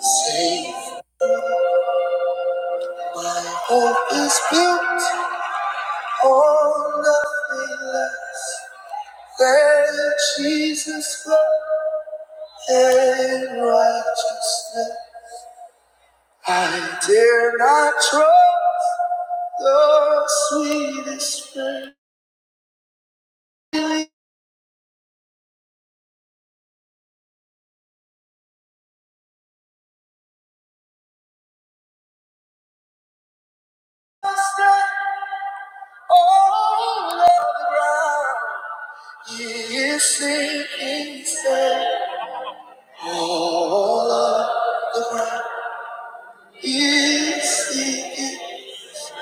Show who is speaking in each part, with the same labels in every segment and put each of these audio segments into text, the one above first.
Speaker 1: safe Hope is built on nothing less than Jesus' love and righteousness. I dare not trust the sweetest friend. Really stand all of the ground. He is sinking sand. All of the ground is sinking.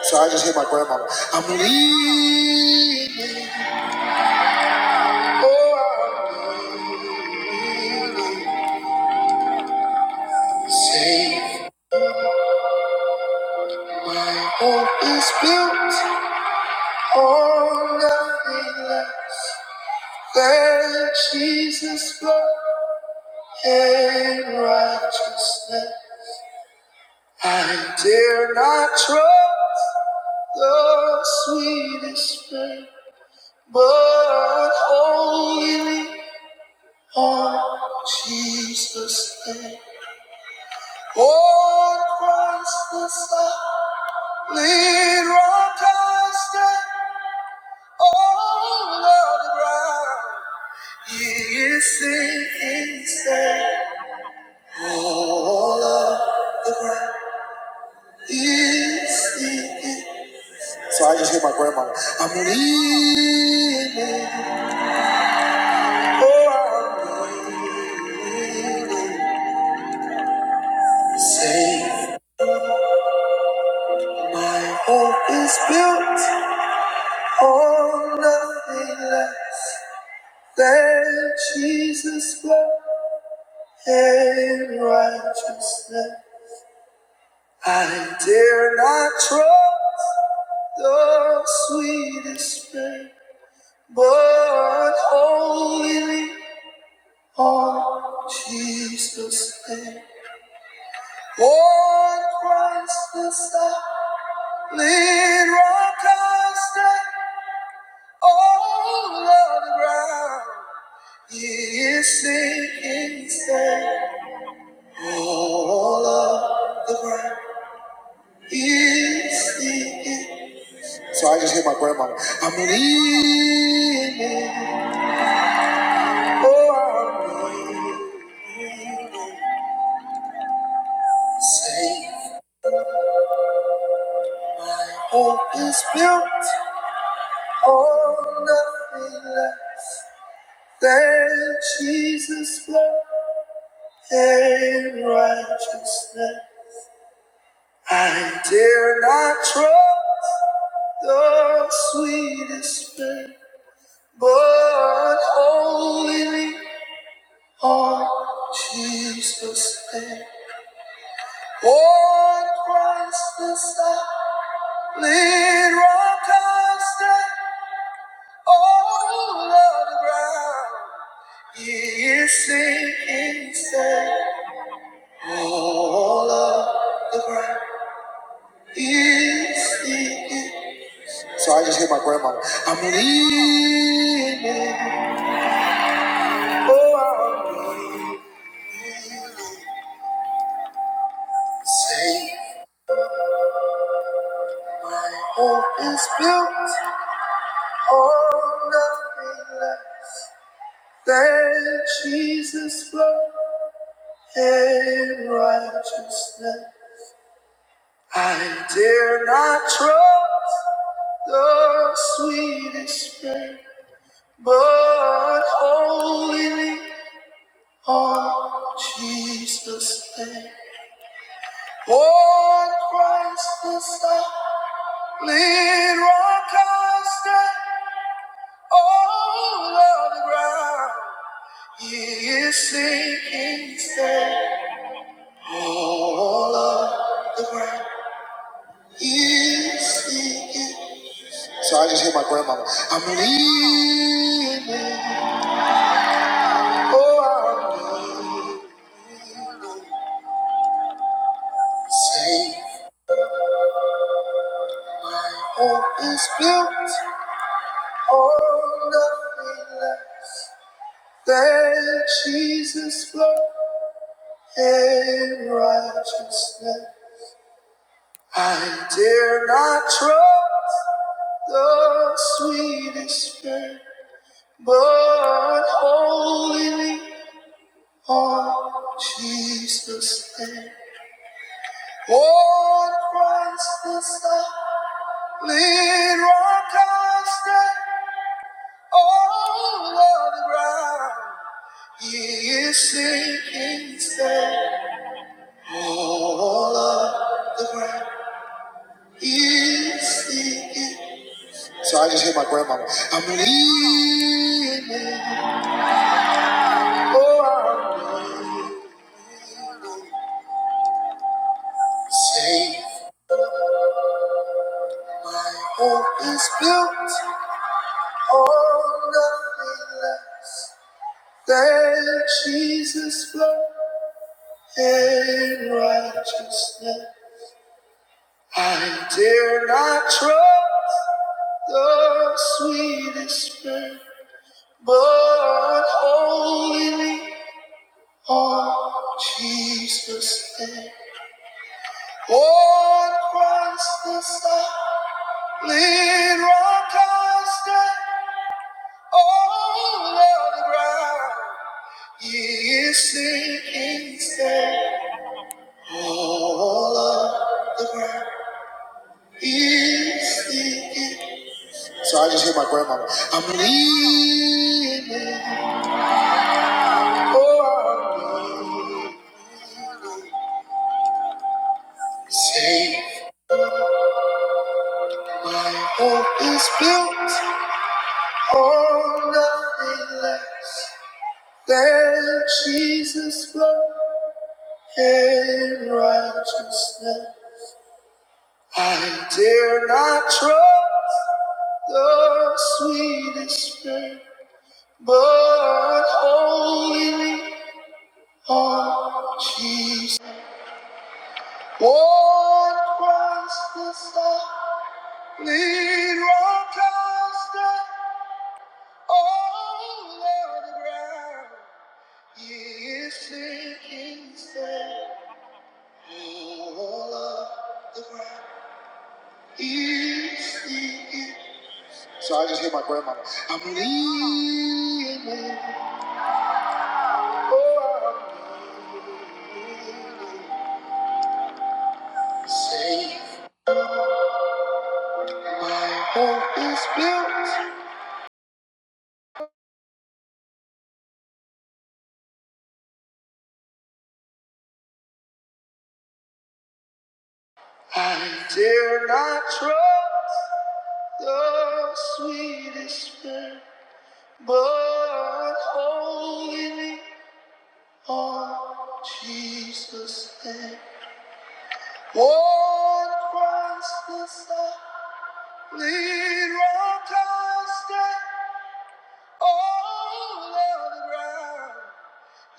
Speaker 1: So I just hear my grandma. I'm leaving. Oh, I'm leaving. Safe. My Hope is built on nothing less than Jesus' blood and righteousness. I dare not trust the sweetest friend, but wholly on Jesus' name. Lord Christ the Son, lead rock I stand all of the ground. He is sinking sand, all of is sinking. So I just hear my grandma. I'm leaving, oh, I'm leaving. Safe hope is built on nothing less than Jesus' blood. and righteousness. I dare not trust the sweetest friend, but wholly on Jesus' name. On Christ the solid rock I stand, all of the ground is sinking sand. All of the ground is sinking So I just hit my grandmother. I'm leaving. Oh, I'm leaving. Say, hope is built on nothing less than Jesus' love and righteousness. I dare not trust the sweetest faith, but wholly on Jesus' name. One Christ the solid rock I stand, all of the ground He is sinking sand. All of the ground He is sinking. So I just hear my grandma. I'm leaning, oh, I'm leaning. Say, hope is built on nothing less. That Jesus' blood and righteousness. I dare not trust the sweetest friend, but wholly on Jesus' name. On Christ the solid rock I stand, all of the ground he is sinking sand, all of the ground. So I just hear my voice. I'm leaving. Oh, I'm leaving. Say, hope is built on nothing less than Jesus' blood and righteousness. I dare not trust the sweetest friend, but wholly on Jesus' name. What Christ is the lead rock I stand all of the ground. He is sinking sand all of the ground. He is sinking. So I just hear my grandmama. I'm leaning, oh, I'm leaning. Safe hope is built on nothing less than Jesus' blood. in righteousness. I dare not trust the sweetest friend, but wholly on Jesus' name. On Christ the solid rock I stand, all other ground he is sinking sand. All of the ground he is sinking So I just hear my grandma. I'm leaving. Oh, I'm leaving. Safe. Hope is built on nothing less than Jesus' blood and righteousness. I dare not trust the sweetest friend, but wholly lean on Jesus. One Christ the Son. Lead rock constant all of the ground. He is sinking sand all of the ground. He is sinking. So I just hear my grandmother. I'm leaning. Oh, I'm leaning. Safe. My hope is built. I dare not trust the sweetest friend. But holding me on Jesus' name. One Christless I lead round constant all of the ground.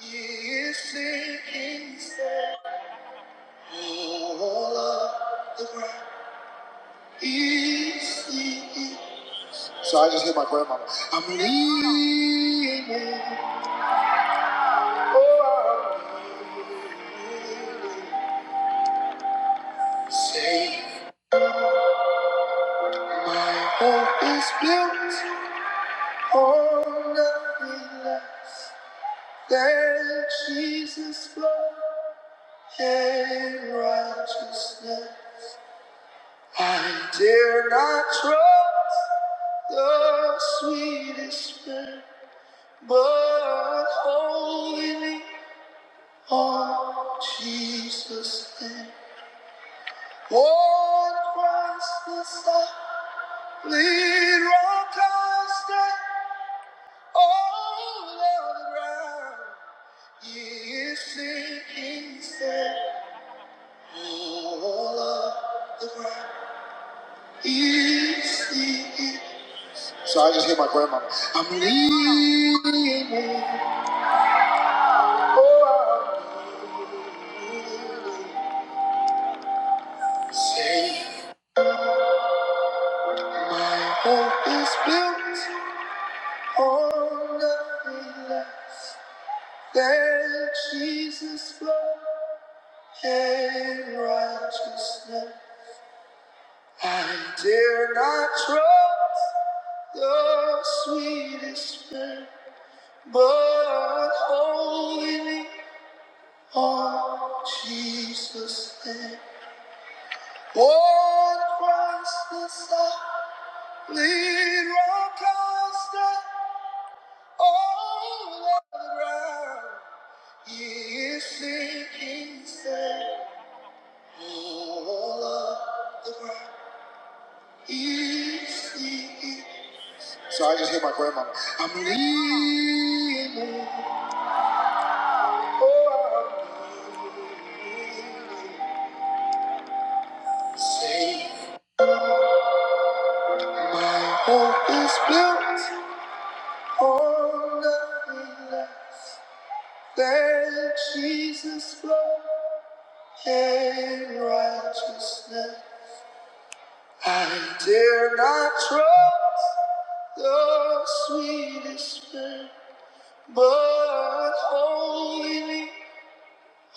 Speaker 1: He is seeking sand all of the ground. He is seeking. So I just hear my grandmama. I'm leaving. Oh, I'm leaving. Safe hope is built on nothing less than Jesus' blood and righteousness. I dare not trust the sweetest friend, but holding me on Jesus' name. On Christ the solid rock I stand. All around is sinking sand. All of the ground is sinking. So I just hear my grandmama. I'm leaving. Oh, I'm leaving. Safe. My Hope is built on nothing less than Jesus' blood and righteousness. I dare not trust the sweetest friend, but only me on Jesus' name. One Christless, I lead rock constant all the ground. He is sinking sand all of the ground. He is sinking So I just hear my grandma. I'm leaving. Oh, I'm leaving. Safe. Hope is built on nothing less than Jesus' blood and righteousness. I dare not trust the sweetest man, but wholly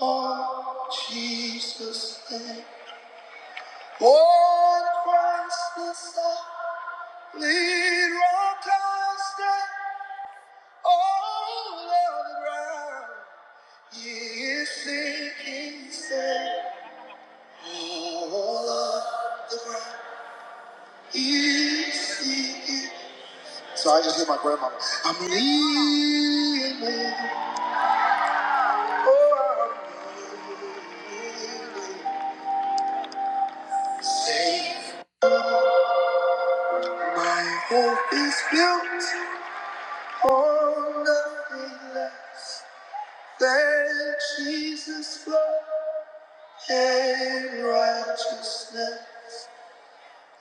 Speaker 1: on Jesus' name. One Christ is the lead rock I stand. all of the ground. He is sinking sand all of the ground. He is sinking. So I just hear my grandmama. I'm leaning. Oh, I'm leaning. Safe. My hope is built on nothing less. That Jesus' blood and righteousness.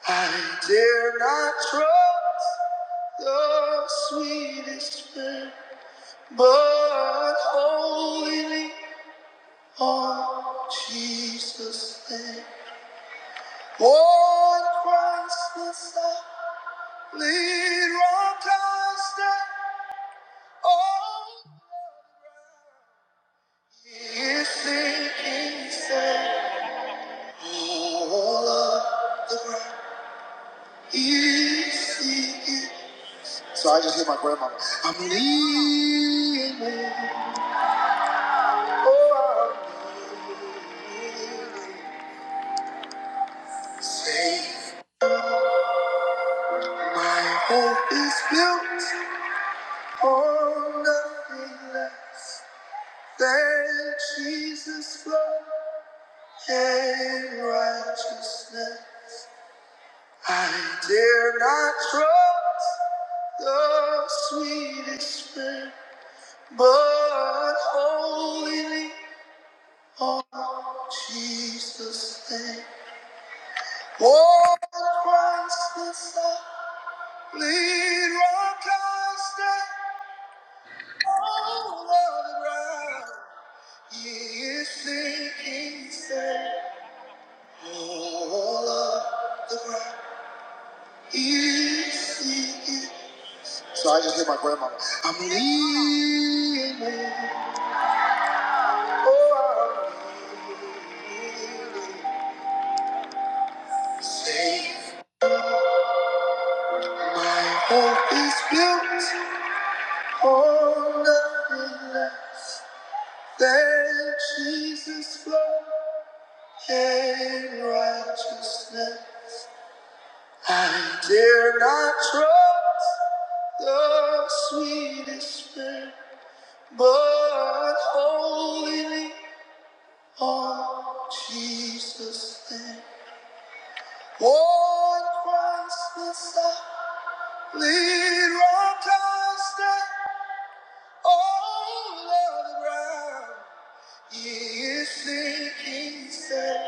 Speaker 1: I dare not trust the sweetest friend, but wholly on Jesus' name. On Christ must I lean, rock I stand. Oh, he is sinking sand. All of the ground. easy. So I just hear my grandma. I'm leaving. Oh, I'm leaving. Safe. My hope is built on nothing less than Jesus' blood and righteousness. I dare not trust the sweetest friend, but holy. Oh, Jesus' name. Oh, Christ the Son. Lead rock I stand. Oh, He is sinking sand. All of the ground. He is sinking. So I just hear my grandmama. I'm leaving. Oh, I'm leaving. Safe. Hope is built. Oh, nothing less than Jesus' blood and righteousness. I dare not trust the sweetest friend, but wholly on Jesus' name. On Christless I lean, rock I stand, all of the ground. He is sinking sand.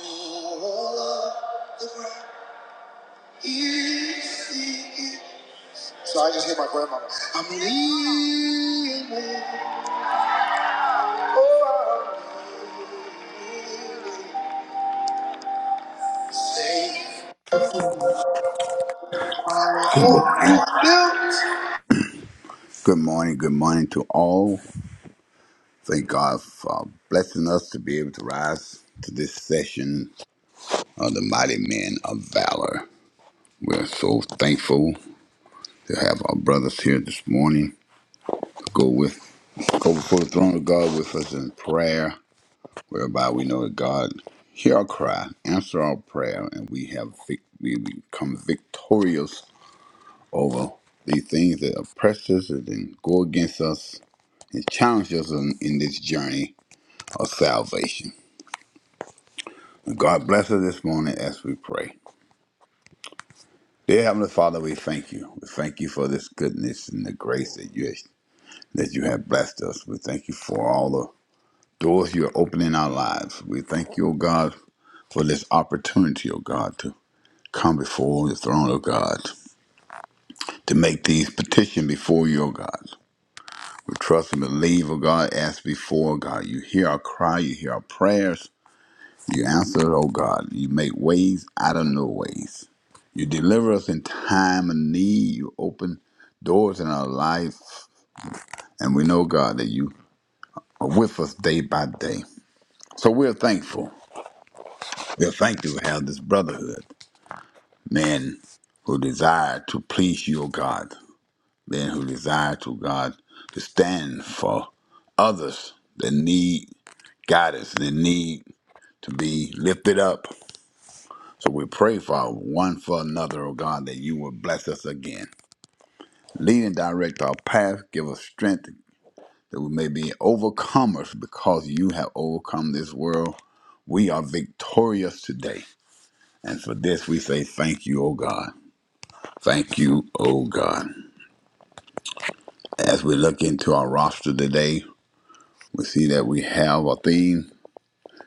Speaker 1: So I just hear my grandmama. I'm leaving. Oh, I'm leaving. Safe.
Speaker 2: Good morning.
Speaker 1: Oh,
Speaker 2: Good morning. Good morning to all. Thank God for blessing us to be able to rise to this session of the mighty men of valor. We're so thankful to have our brothers here this morning go with go before the throne of God with us in prayer, whereby we know that God hear our cry, answer our prayer, and we have vic- we become victorious over these things that oppress us and then go against us and challenge us in, in this journey of salvation. God bless us this morning as we pray. Dear Heavenly Father, we thank you. We thank you for this goodness and the grace that you that you have blessed us. We thank you for all the doors you're opening in our lives. We thank you, O God, for this opportunity, O God, to come before the throne of God, to make these petition before you, O God. We trust and believe, O God, as before, God. You hear our cry, you hear our prayers. You answer, O God. You make ways out of no ways. You deliver us in time of need. You open doors in our life. And we know, God, that you are with us day by day. So we're thankful. We're thankful to have this brotherhood. Men who desire to please you, O God. Men who desire to, God, to stand for others that need guidance, that need to be lifted up. So we pray, Father, one for another, O God, that you will bless us again. Lead and direct our path, give us strength that we may be overcomers because you have overcome this world. We are victorious today. And for this, we say thank you, O God. Thank you, O God. As we look into our roster today, we see that we have a theme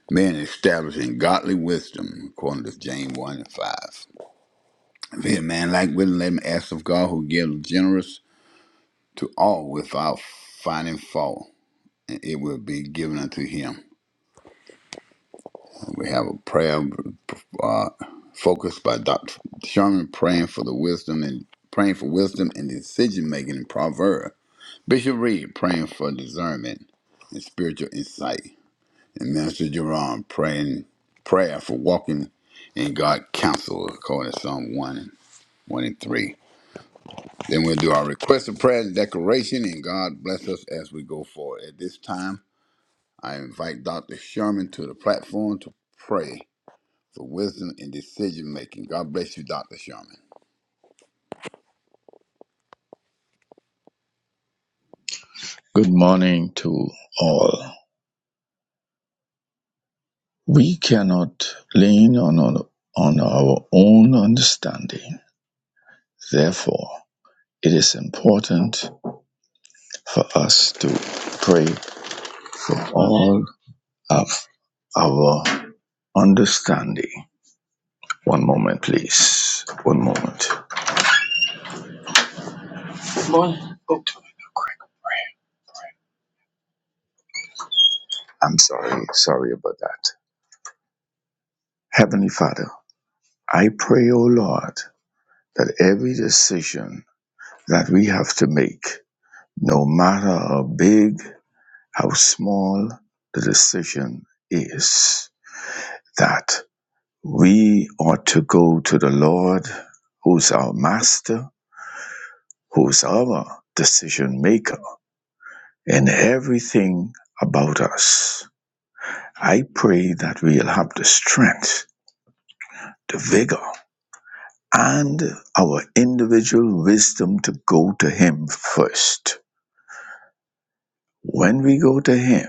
Speaker 2: men establishing godly wisdom, according to James 1 and 5. If any man like wisdom, let him ask of God who gives generously to all without finding fault, and it will be given unto him. We have a prayer uh, focused by Dr. Sherman praying for the wisdom and praying for wisdom and decision making in Proverbs. Bishop Reed praying for discernment and spiritual insight, and Minister Jerome praying prayer for walking in God's counsel according to Psalm one and one and three. Then we'll do our request of prayer and declaration, and God bless us as we go forward. At this time. I invite Dr. Sherman to the platform to pray for wisdom in decision making. God bless you, Dr. Sherman.
Speaker 3: Good morning to all. We cannot lean on, on, on our own understanding. Therefore, it is important for us to pray for all of our understanding. One moment, please. One moment. Good morning. I'm sorry. Sorry about that. Heavenly Father, I pray, O Lord, that every decision that we have to make, no matter how big how small the decision is that we ought to go to the Lord, who's our master, who's our decision maker in everything about us. I pray that we'll have the strength, the vigor, and our individual wisdom to go to Him first. When we go to Him,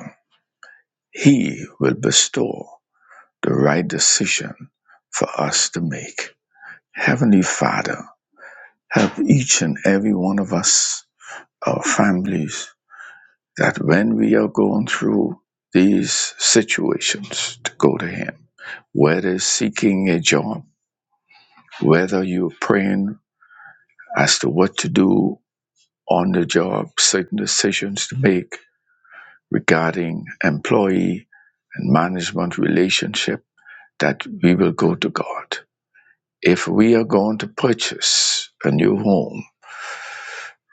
Speaker 3: He will bestow the right decision for us to make. Heavenly Father, help each and every one of us, our families, that when we are going through these situations, to go to Him. Whether seeking a job, whether you're praying as to what to do on the job, certain decisions to make regarding employee and management relationship, that we will go to God. If we are going to purchase a new home,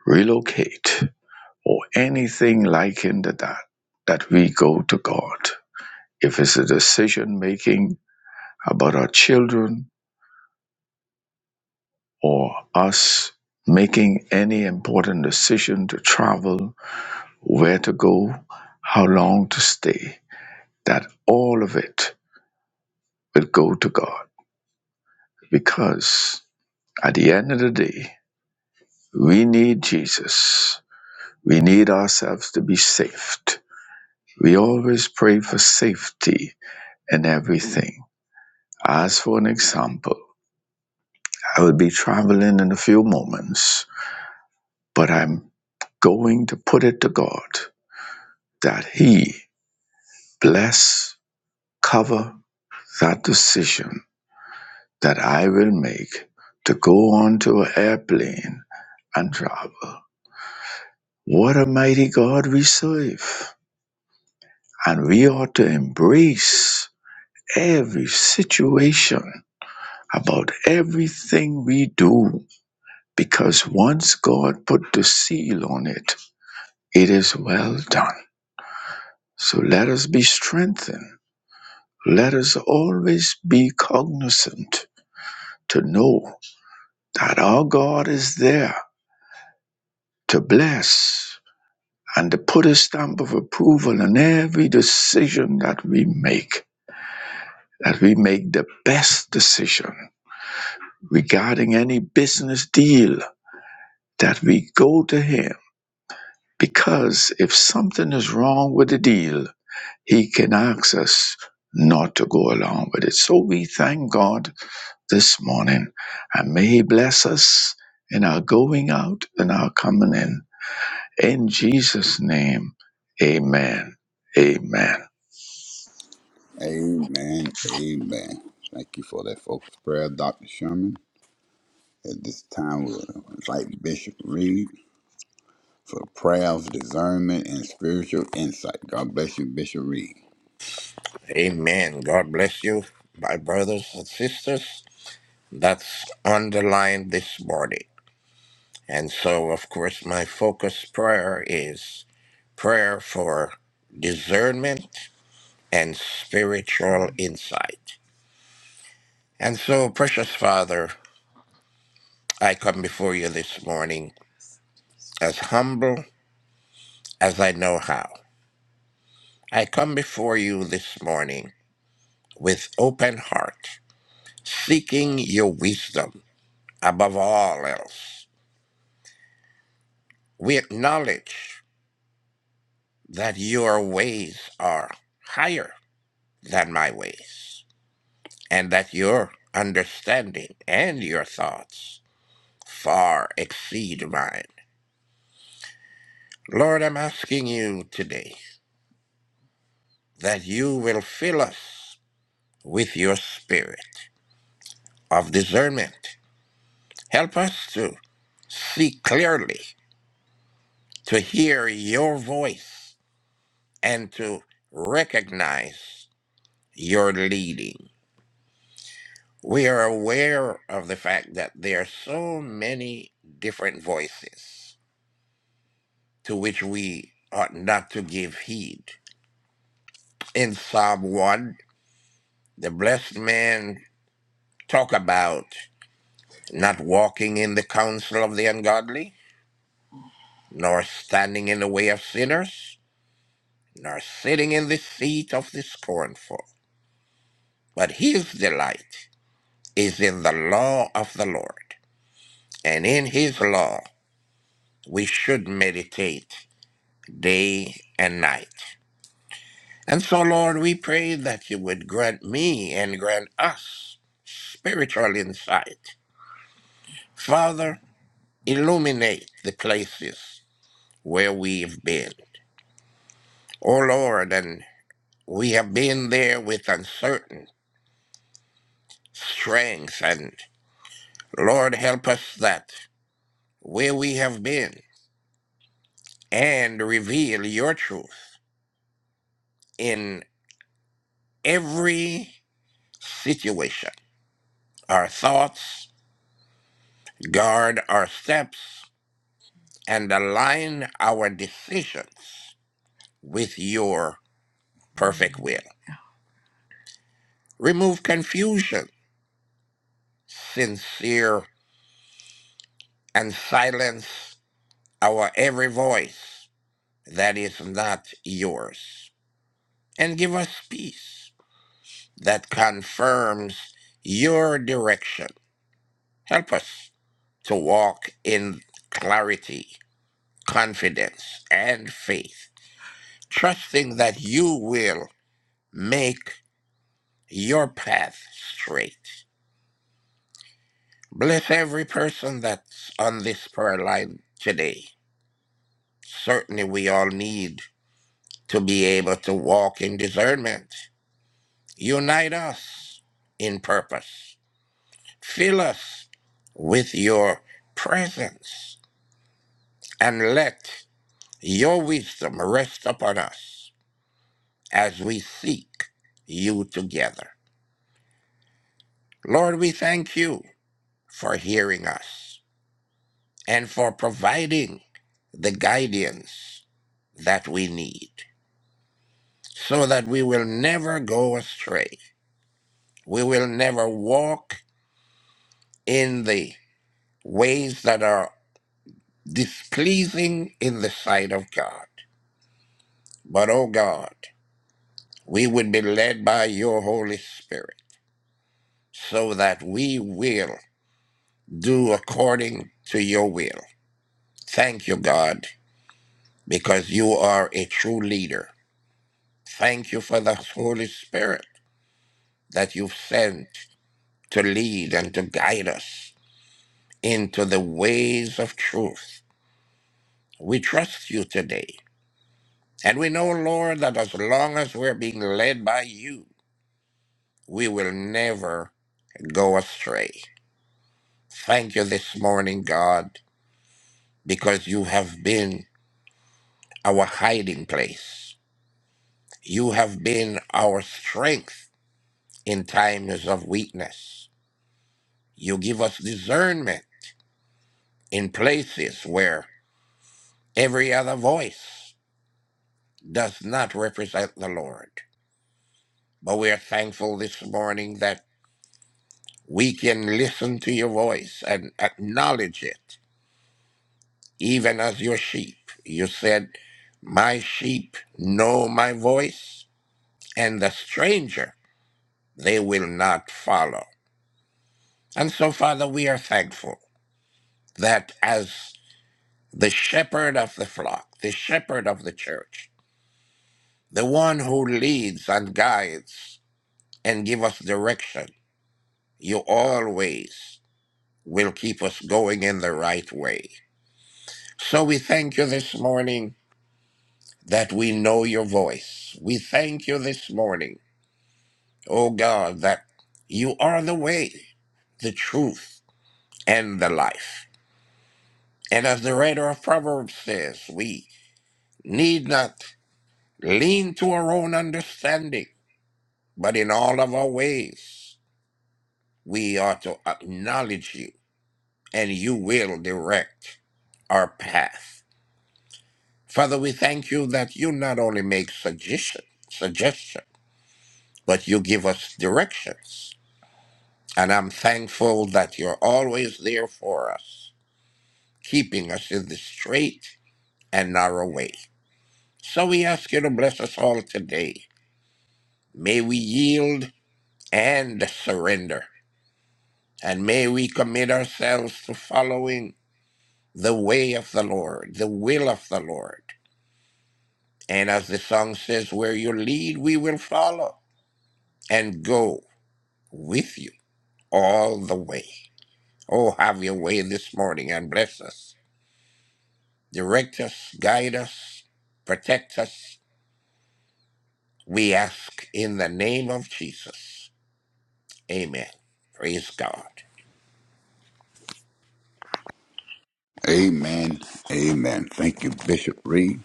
Speaker 3: relocate, or anything likened to that, that we go to God. If it's a decision making about our children or us making any important decision to travel, where to go, how long to stay, that all of it will go to God. Because at the end of the day, we need Jesus. We need ourselves to be saved. We always pray for safety in everything As for an example, I will be traveling in a few moments, but I'm going to put it to God that He bless, cover that decision that I will make to go onto an airplane and travel. What a mighty God we serve. And we ought to embrace every situation about everything we do because once God put the seal on it, It is well done. So let us be strengthened. Let us always be cognizant to know that our God is there to bless and to put a stamp of approval on every decision that we make, that we make the best decision regarding any business deal, that we go to Him. Because if something is wrong with the deal, He can ask us not to go along with it. So we thank God this morning. And may He bless us in our going out and our coming in. In Jesus' name, amen. Amen.
Speaker 2: Amen. Amen. Thank you for that folks prayer, Dr. Sherman. At this time, we invite Bishop Reed for prayer of discernment and spiritual insight. God bless you, Bishop Reed.
Speaker 4: Amen. God bless you, my brothers and sisters. That's underlined this morning. And so, of course, my focus prayer is prayer for discernment and spiritual insight. And so, precious Father, I come before you this morning as humble as I know how. I come before you this morning with open heart, seeking your wisdom above all else We acknowledge that your ways are higher than my ways, and that your understanding and your thoughts far exceed mine. Lord, I'm asking you today that you will fill us with your spirit of discernment. Help us to see clearly, to hear your voice, and to recognize your leading. We are aware of the fact that there are so many different voices to which we ought not to give heed. In Psalm 1, the blessed man talk about not walking in the counsel of the ungodly, nor standing in the way of sinners, nor sitting in the seat of the scornful. But his delight is in the law of the Lord, and in his law we should meditate day and night. And so, Lord, we pray that you would grant me and grant us spiritual insight. Father, illuminate the places where we've been. Oh, Lord, and we have been there with uncertain strength. And Lord, help us that where we have been and reveal your truth in every situation. Our thoughts guard our steps and align our decisions with your perfect will. Remove confusion, sincere, and silence our every voice that is not yours. And give us peace that confirms your direction. Help us to walk in clarity, confidence, and faith, trusting that you will make your path straight. Bless every person that's on this prayer line today. Certainly, we all need to be able to walk in discernment. Unite us in purpose. Fill us with your presence and let your wisdom rest upon us as we seek you together. Lord, we thank you for hearing us and for providing the guidance that we need. so that we will never go astray. We will never walk in the ways that are displeasing in the sight of God. But, oh God, we would be led by your Holy Spirit so that we will do according to your will. Thank you, God, because you are a true leader. Thank you for the Holy Spirit that you've sent to lead and to guide us into the ways of truth. We trust you today. And we know, Lord, that as long as we're being led by you, we will never go astray. Thank you this morning, God, because you have been our hiding place. You have been our strength in times of weakness. You give us discernment in places where every other voice does not represent the Lord. But we are thankful this morning that we can listen to your voice and acknowledge it, even as your sheep. You said, My sheep know my voice, and the stranger they will not follow. And so, Father, we are thankful that as the shepherd of the flock, the shepherd of the church, the one who leads and guides and give us direction, you always will keep us going in the right way. So we thank you this morning that we know your voice. We thank you this morning, oh God, that you are the way, the truth, and the life. And as the writer of Proverbs says, we need not lean to our own understanding, but in all of our ways, we ought to acknowledge you, and you will direct our path. Father, we thank you that you not only make suggestion, suggestions, but you give us directions. And I'm thankful that you're always there for us, keeping us in the straight and narrow way. So we ask you to bless us all today. May we yield and surrender, and may we commit ourselves to following the way of the Lord, the will of the Lord. And as the song says, where you lead, we will follow and go with you all the way. Oh, have your way this morning and bless us. Direct us, guide us, protect us. We ask in the name of Jesus. Amen. Praise God.
Speaker 2: Amen. Amen. Thank you, Bishop Reed.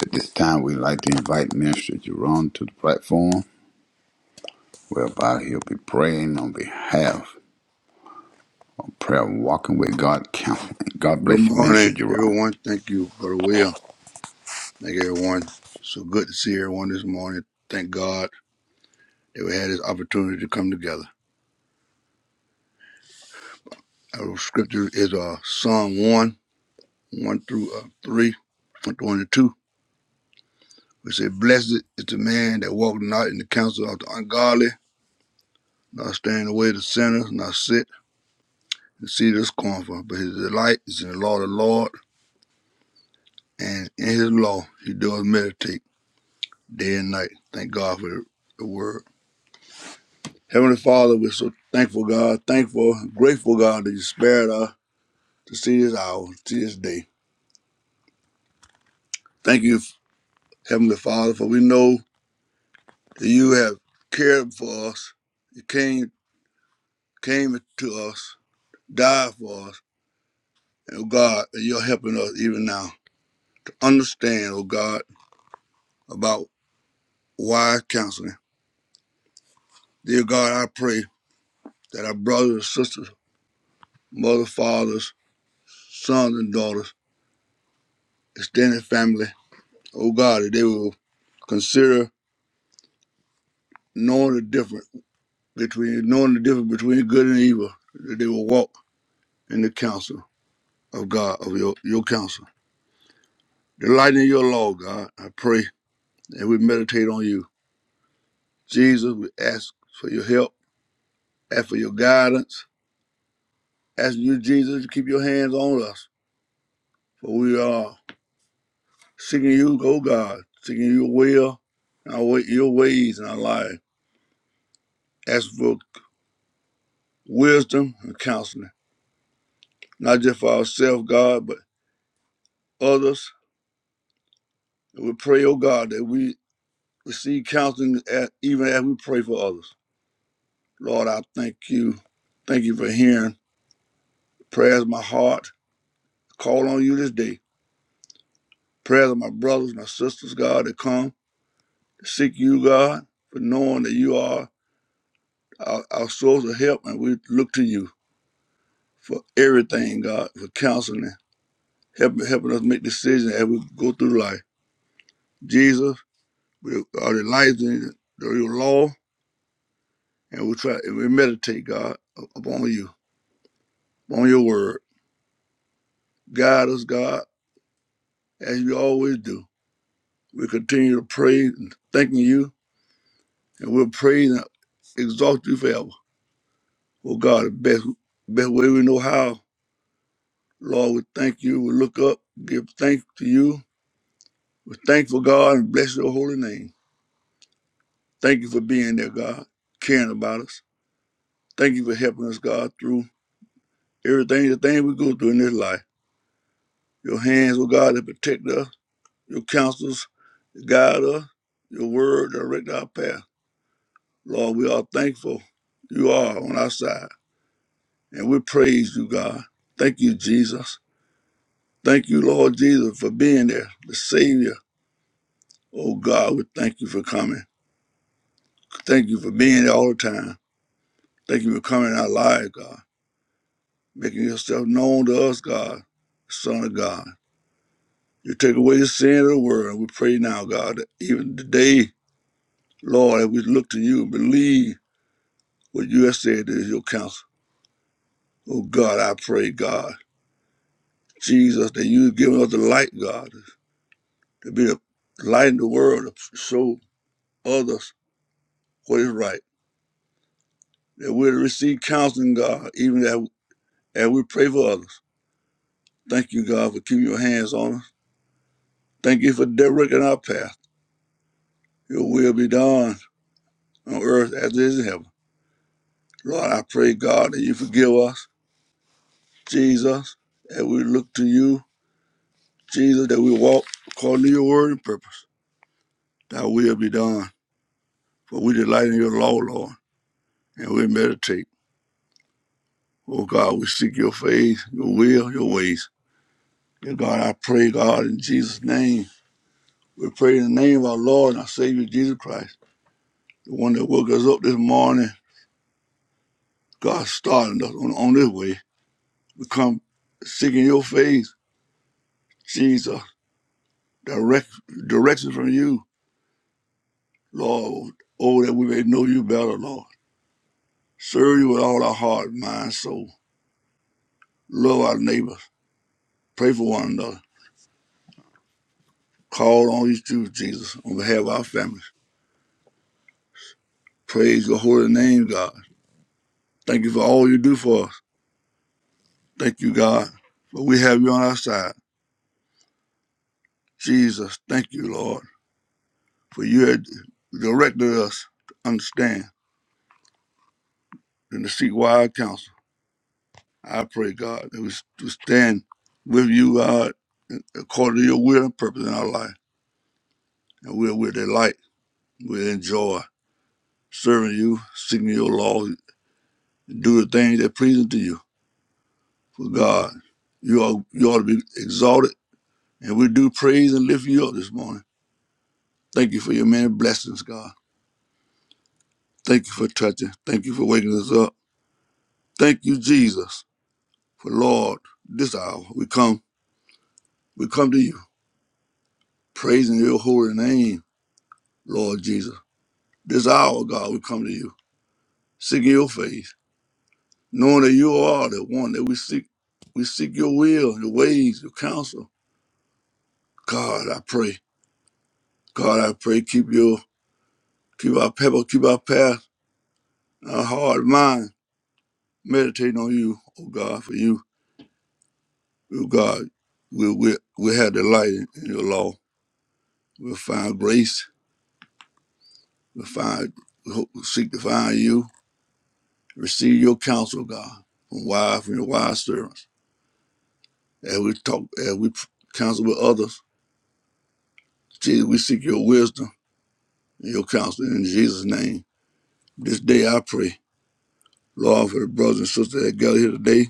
Speaker 2: At this time, we'd like to invite Minister Jerome to the platform, whereby he'll be praying on behalf Prayer Walking with God Counseling. God
Speaker 5: Good
Speaker 2: bless you, Minister
Speaker 5: morning,
Speaker 2: Jerome.
Speaker 5: everyone. Thank you, Brother Will. Thank everyone. So good to see everyone this morning. Thank God that we had this opportunity to come together. Our scripture is uh, Psalm 1, 1 through uh, 3, 1 through 1 and 2. We say, Blessed is the man that walketh not in the counsel of the ungodly, not stand in the way of the sinners, not sit and see the scornful. But his delight is in the law of the Lord, and in his law he does meditate day and night. Thank God for the the word Heavenly Father, we're so thankful, God, thankful, grateful, God, that you spared us to see this hour, to see this day. Thank you, Heavenly Father, for we know that you have cared for us. You came came to us, died for us, and oh God, that you're helping us even now to understand, oh God, about wise counseling. Dear God, I pray that our brothers and sisters, mothers, fathers, sons and daughters, extended family, oh God, that they will consider. knowing the difference between knowing the difference between good and evil, that they will walk in the counsel of God, of your, your counsel. Delight in your law, God, I pray, and we meditate on you. Jesus, we ask for your help, ask for your guidance, ask you, Jesus, to keep your hands on us. For we are seeking you, oh God, seeking your will, our way, your ways in our life. Ask for wisdom and counseling, not just for ourselves, God, but others. We pray, oh God, that we receive counseling at, even as we pray for others. Lord, I thank you. Thank you for hearing prayers of my heart. Call on you this day. Prayers of my brothers, and my sisters, God, that come to seek you, God, for knowing that you are our, our source of help, and we look to you for everything, God, for counseling, helping, helping us make decisions as we go through life. Jesus, we are delighted in your law, and we try and we meditate, God, upon you, upon your word. Guide us, God as you always do. We continue to praise and thanking you, and we'll praise and exalt you forever. Oh God, the best, best way we know how. Lord, we thank you. We look up, give thanks to you. We're thankful, God, and bless your holy name. Thank you for being there, God, caring about us. Thank you for helping us, God, through everything, the thing we go through in this life. Your hands, oh God, that protect us, your counsels, that guide us, your word direct our path. Lord, we are thankful you are on our side, and we praise you, God. Thank you, Jesus. Thank you, Lord Jesus, for being there, the Savior. Oh, God, we thank you for coming. Thank you for being there all the time. Thank you for coming in our lives, God, making yourself known to us, God, Son of God. You take away the sin of the world. We pray now, God, that even today, Lord, that we look to you and believe what you have said is your counsel. Oh, God, I pray, God. Jesus, that you have given us the light, God, to be the light in the world, to show others what is right. That we'll receive counseling, God, even as, as we pray for others. Thank you, God, for keeping your hands on us. Thank you for directing our path. Your will be done on earth as it is in heaven. Lord, I pray, God, that you forgive us, Jesus, that we look to you, Jesus, that we walk according to your word and purpose. Thy will be done. For we delight in your law, Lord, and we meditate. Oh God, we seek your face, your will, your ways. Dear God, I pray, God, in Jesus' name. We pray in the name of our Lord and our Savior Jesus Christ, the one that woke us up this morning. God started us on, on this way. We come seeking your face, Jesus, direct direction from you, Lord. Oh, that we may know you better, Lord. Serve you with all our heart, mind, soul. Love our neighbors. Pray for one another. Call on you too, Jesus, on behalf of our families. Praise your holy name, God. Thank you for all you do for us. Thank you, God, for we have you on our side. Jesus, thank you, Lord, for you had directed us to understand and to seek wise counsel. I pray, God, that we s- to stand with you, God, according to your will and purpose in our life. And we're with that light. We enjoy serving you, seeking your law, do the things that pleasing to you. For God, you are you ought to be exalted. And we do praise and lift you up this morning. Thank you for your many blessings, God. Thank you for touching. Thank you for waking us up. Thank you, Jesus, for Lord, this hour we come, we come to you, praising your holy name, Lord Jesus. This hour, God, we come to you, seeking your face, knowing that you are the one that we seek. We seek your will, your ways, your counsel. God, I pray. God, I pray, keep your, keep our pebble, keep our path, our heart, mind, meditating on you, oh God, for you, oh God, we, we, we have delight in your law. We'll find grace. We'll find, we hope, we seek to find you. Receive your counsel, God, from wise, from your wise servants. As we talk, as we counsel with others, Jesus, we seek your wisdom and your counsel in Jesus' name. This day I pray, Lord, for the brothers and sisters that gather here today,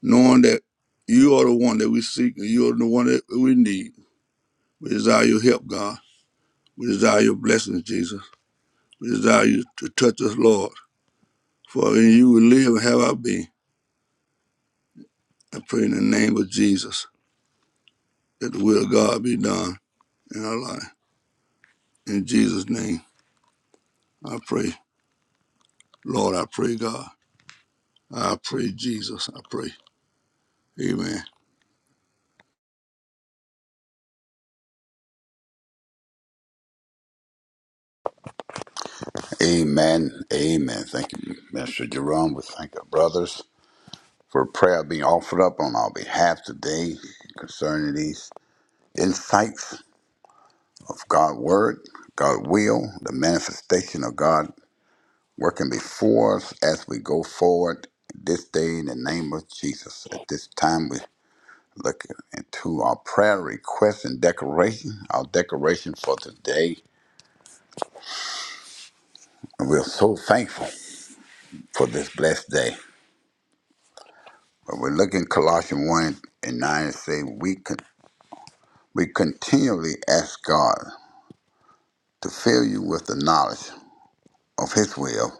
Speaker 5: knowing that you are the one that we seek and you are the one that we need. We desire your help, God. We desire your blessings, Jesus. We desire you to touch us, Lord. For in you we live and have our being. I pray in the name of Jesus that the will of God be done in our life. In Jesus' name, I pray. Lord, I pray, God. I pray, Jesus. I pray. Amen.
Speaker 2: Amen. Amen. Thank you, Minister Jerome. We thank our brothers for prayer being offered up on our behalf today concerning these insights of God's Word, God's will, the manifestation of God working before us as we go forward this day in the name of Jesus. At this time, we look into our prayer request and declaration, our declaration for today. And we're so thankful for this blessed day. But we look in Colossians 1 and 9 and say, we, con- we continually ask God to fill you with the knowledge of His will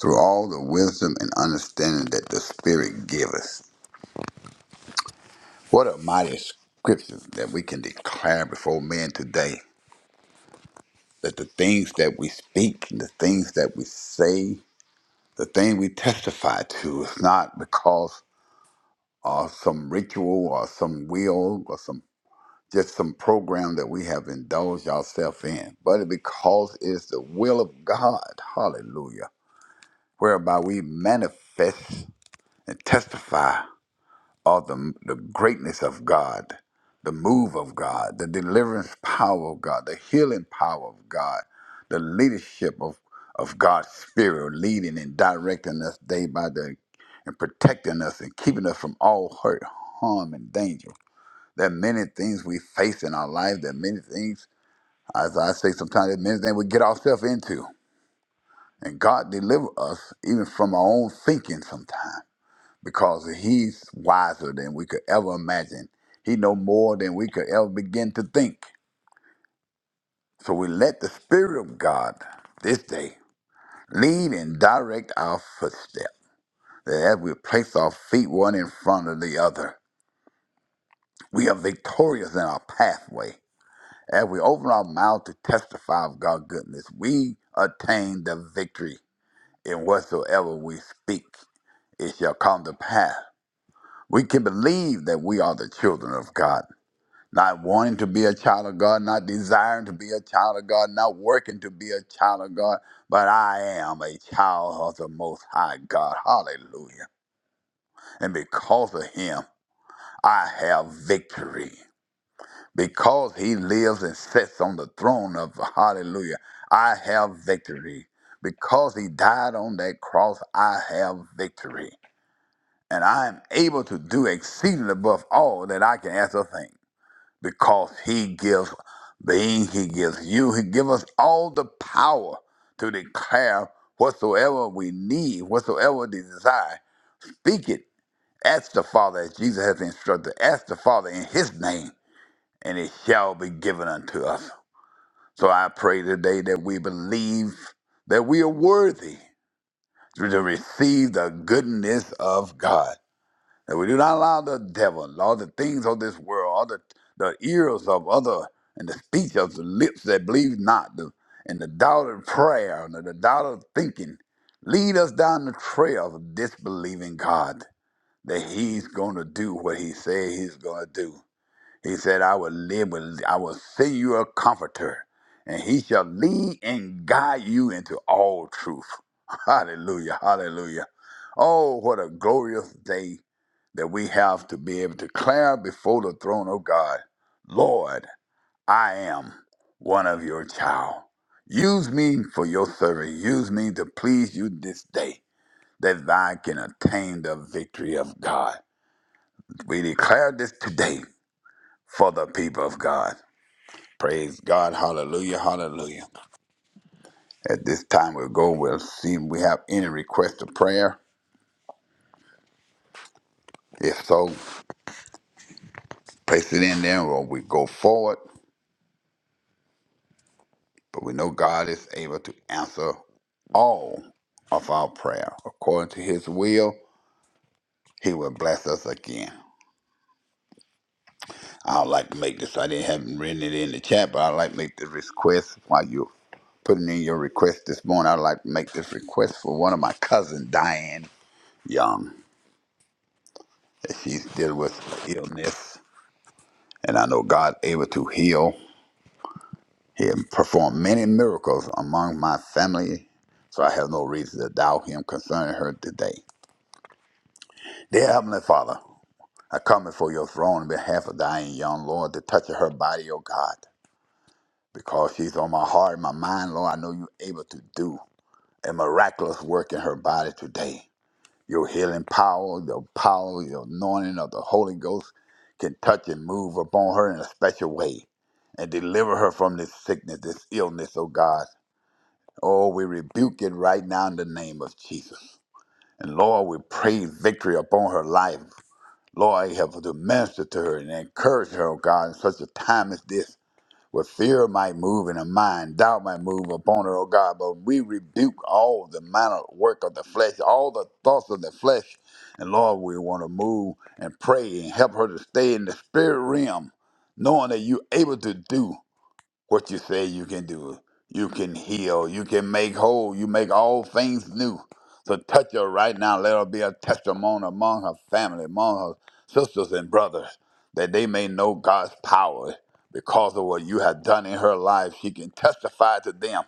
Speaker 2: through all the wisdom and understanding that the Spirit giveth. What a mighty scripture that we can declare before men today that the things that we speak and the things that we say, the thing we testify to is not because of some ritual or some will or some just some program that we have indulged ourselves in, but because it's the will of God, hallelujah, whereby we manifest and testify of the, the greatness of God, the move of God, the deliverance power of God, the healing power of God, the leadership of, of God's Spirit leading and directing us day by day and protecting us and keeping us from all hurt, harm, and danger. There are many things we face in our life. There are many things, as I say sometimes, there are many things we get ourselves into. And God deliver us even from our own thinking sometimes because he's wiser than we could ever imagine. He know more than we could ever begin to think. So we let the Spirit of God this day lead and direct our footsteps. That as we place our feet one in front of the other, we are victorious in our pathway. As we open our mouth to testify of God's goodness, we attain the victory in whatsoever we speak. It shall come to pass. We can believe that we are the children of God, not wanting to be a child of God, not desiring to be a child of God, not working to be a child of God, but I am a child of the Most High God. Hallelujah. And because of Him, I have victory. because he lives and sits on the throne of hallelujah i have victory because he died on that cross i have victory and i am able to do exceeding above all that i can ask or think because he gives being he gives you he gives us all the power to declare whatsoever we need whatsoever we desire speak it ask the father as jesus has instructed ask the father in his name and it shall be given unto us so I pray today that we believe that we are worthy to receive the goodness of God. That we do not allow the devil, all the things of this world, all the, the ears of other, and the speech of the lips that believe not, the, and the doubt of prayer, and the doubt of thinking, lead us down the trail of disbelieving God that He's going to do what He said He's going to do. He said, I will live with, I will send you a comforter, and he shall lead and guide you into all truth. Hallelujah, hallelujah. Oh, what a glorious day that we have to be able to declare before the throne of God, Lord, I am one of your child. Use me for your service. Use me to please you this day that thou can attain the victory of God. We declare this today for the people of God. Praise God. Hallelujah. Hallelujah. At this time, we'll go. We'll see if we have any request of prayer. If so, place it in there or we go forward. But we know God is able to answer all of our prayer. According to his will, he will bless us again. I'd like to make this, I didn't haven't written it in the chat, but I'd like to make this request while you're putting in your request this morning. I'd like to make this request for one of my cousin, Diane Young. that She's dealing with illness And I know God able to heal. He had performed many miracles among my family, so I have no reason to doubt him concerning her today. Dear Heavenly Father, I come before your throne on behalf of Diane Young, Lord, to touch her body, O God, because she's on my heart and my mind, Lord. I know you're able to do a miraculous work in her body today. Your healing power, your power, your anointing of the Holy Ghost can touch and move upon her in a special way and deliver her from this sickness, this illness, oh God. Oh, we rebuke it right now in the name of Jesus. And Lord, we pray victory upon her life. Lord, help her to minister to her and encourage her, oh God, in such a time as this where fear might move in her mind, doubt might move upon her, oh God. But we rebuke all the minor work of the flesh, all the thoughts of the flesh. And Lord, we want to move and pray and help her to stay in the spirit realm, knowing that you're able to do what you say you can do. You can heal. You can make whole. You make all things new. So touch her right now. Let her be a testimony among her family, among her sisters and brothers, that they may know God's power because of what you have done in her life. She can testify to them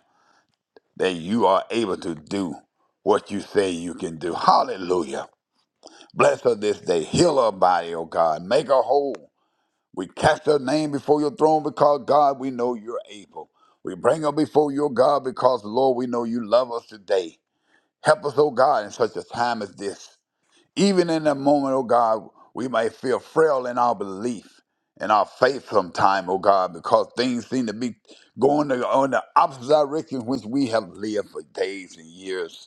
Speaker 2: that you are able to do what you say you can do. Hallelujah. Bless her this day. Heal her body, oh God. Make her whole. We cast our name before your throne because, God, we know you're able. We bring them before your God because, Lord, we know you love us today. Help us, oh God, in such a time as this. Even in the moment, oh God, we may feel frail in our belief and our faith sometime, oh God, because things seem to be going the- on the opposite direction which we have lived for days and years.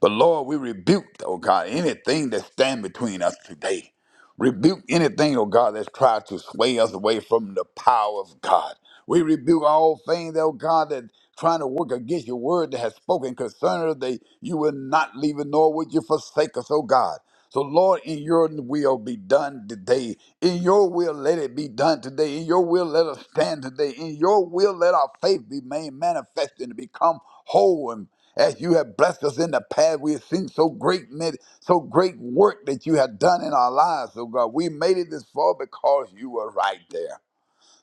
Speaker 2: But Lord, we rebuke, oh God, anything that stand between us today. Rebuke anything, oh God, that's tried to sway us away from the power of God. We rebuke all things, oh God, that trying to work against your word that has spoken concerning us, that you will not leave it, nor would you forsake us, oh God. So, Lord, in your will be done today. In your will, let it be done today. In your will, let us stand today. In your will, let our faith be made manifest and become whole as you have blessed us in the past. We have seen so great, men- so great work that you have done in our lives. So God, we made it this far because you were right there.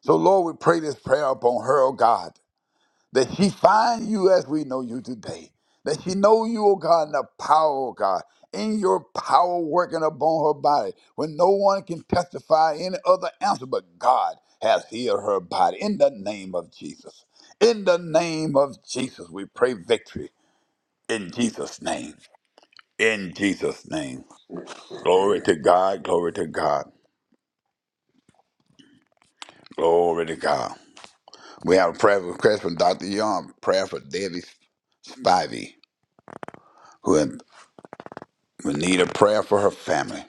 Speaker 2: So Lord, we pray this prayer upon her, oh God, that she find you as we know you today. That she know you, oh God, in the power, oh God, in your power working upon her body, when no one can testify any other answer but God has healed her body. In the name of Jesus. In the name of Jesus, we pray victory. In Jesus' name. In Jesus' name. Glory to God. Glory to God. Glory to God. We have a prayer request from Dr. Young, prayer for Debbie Spivey, who in- will need a prayer for her family.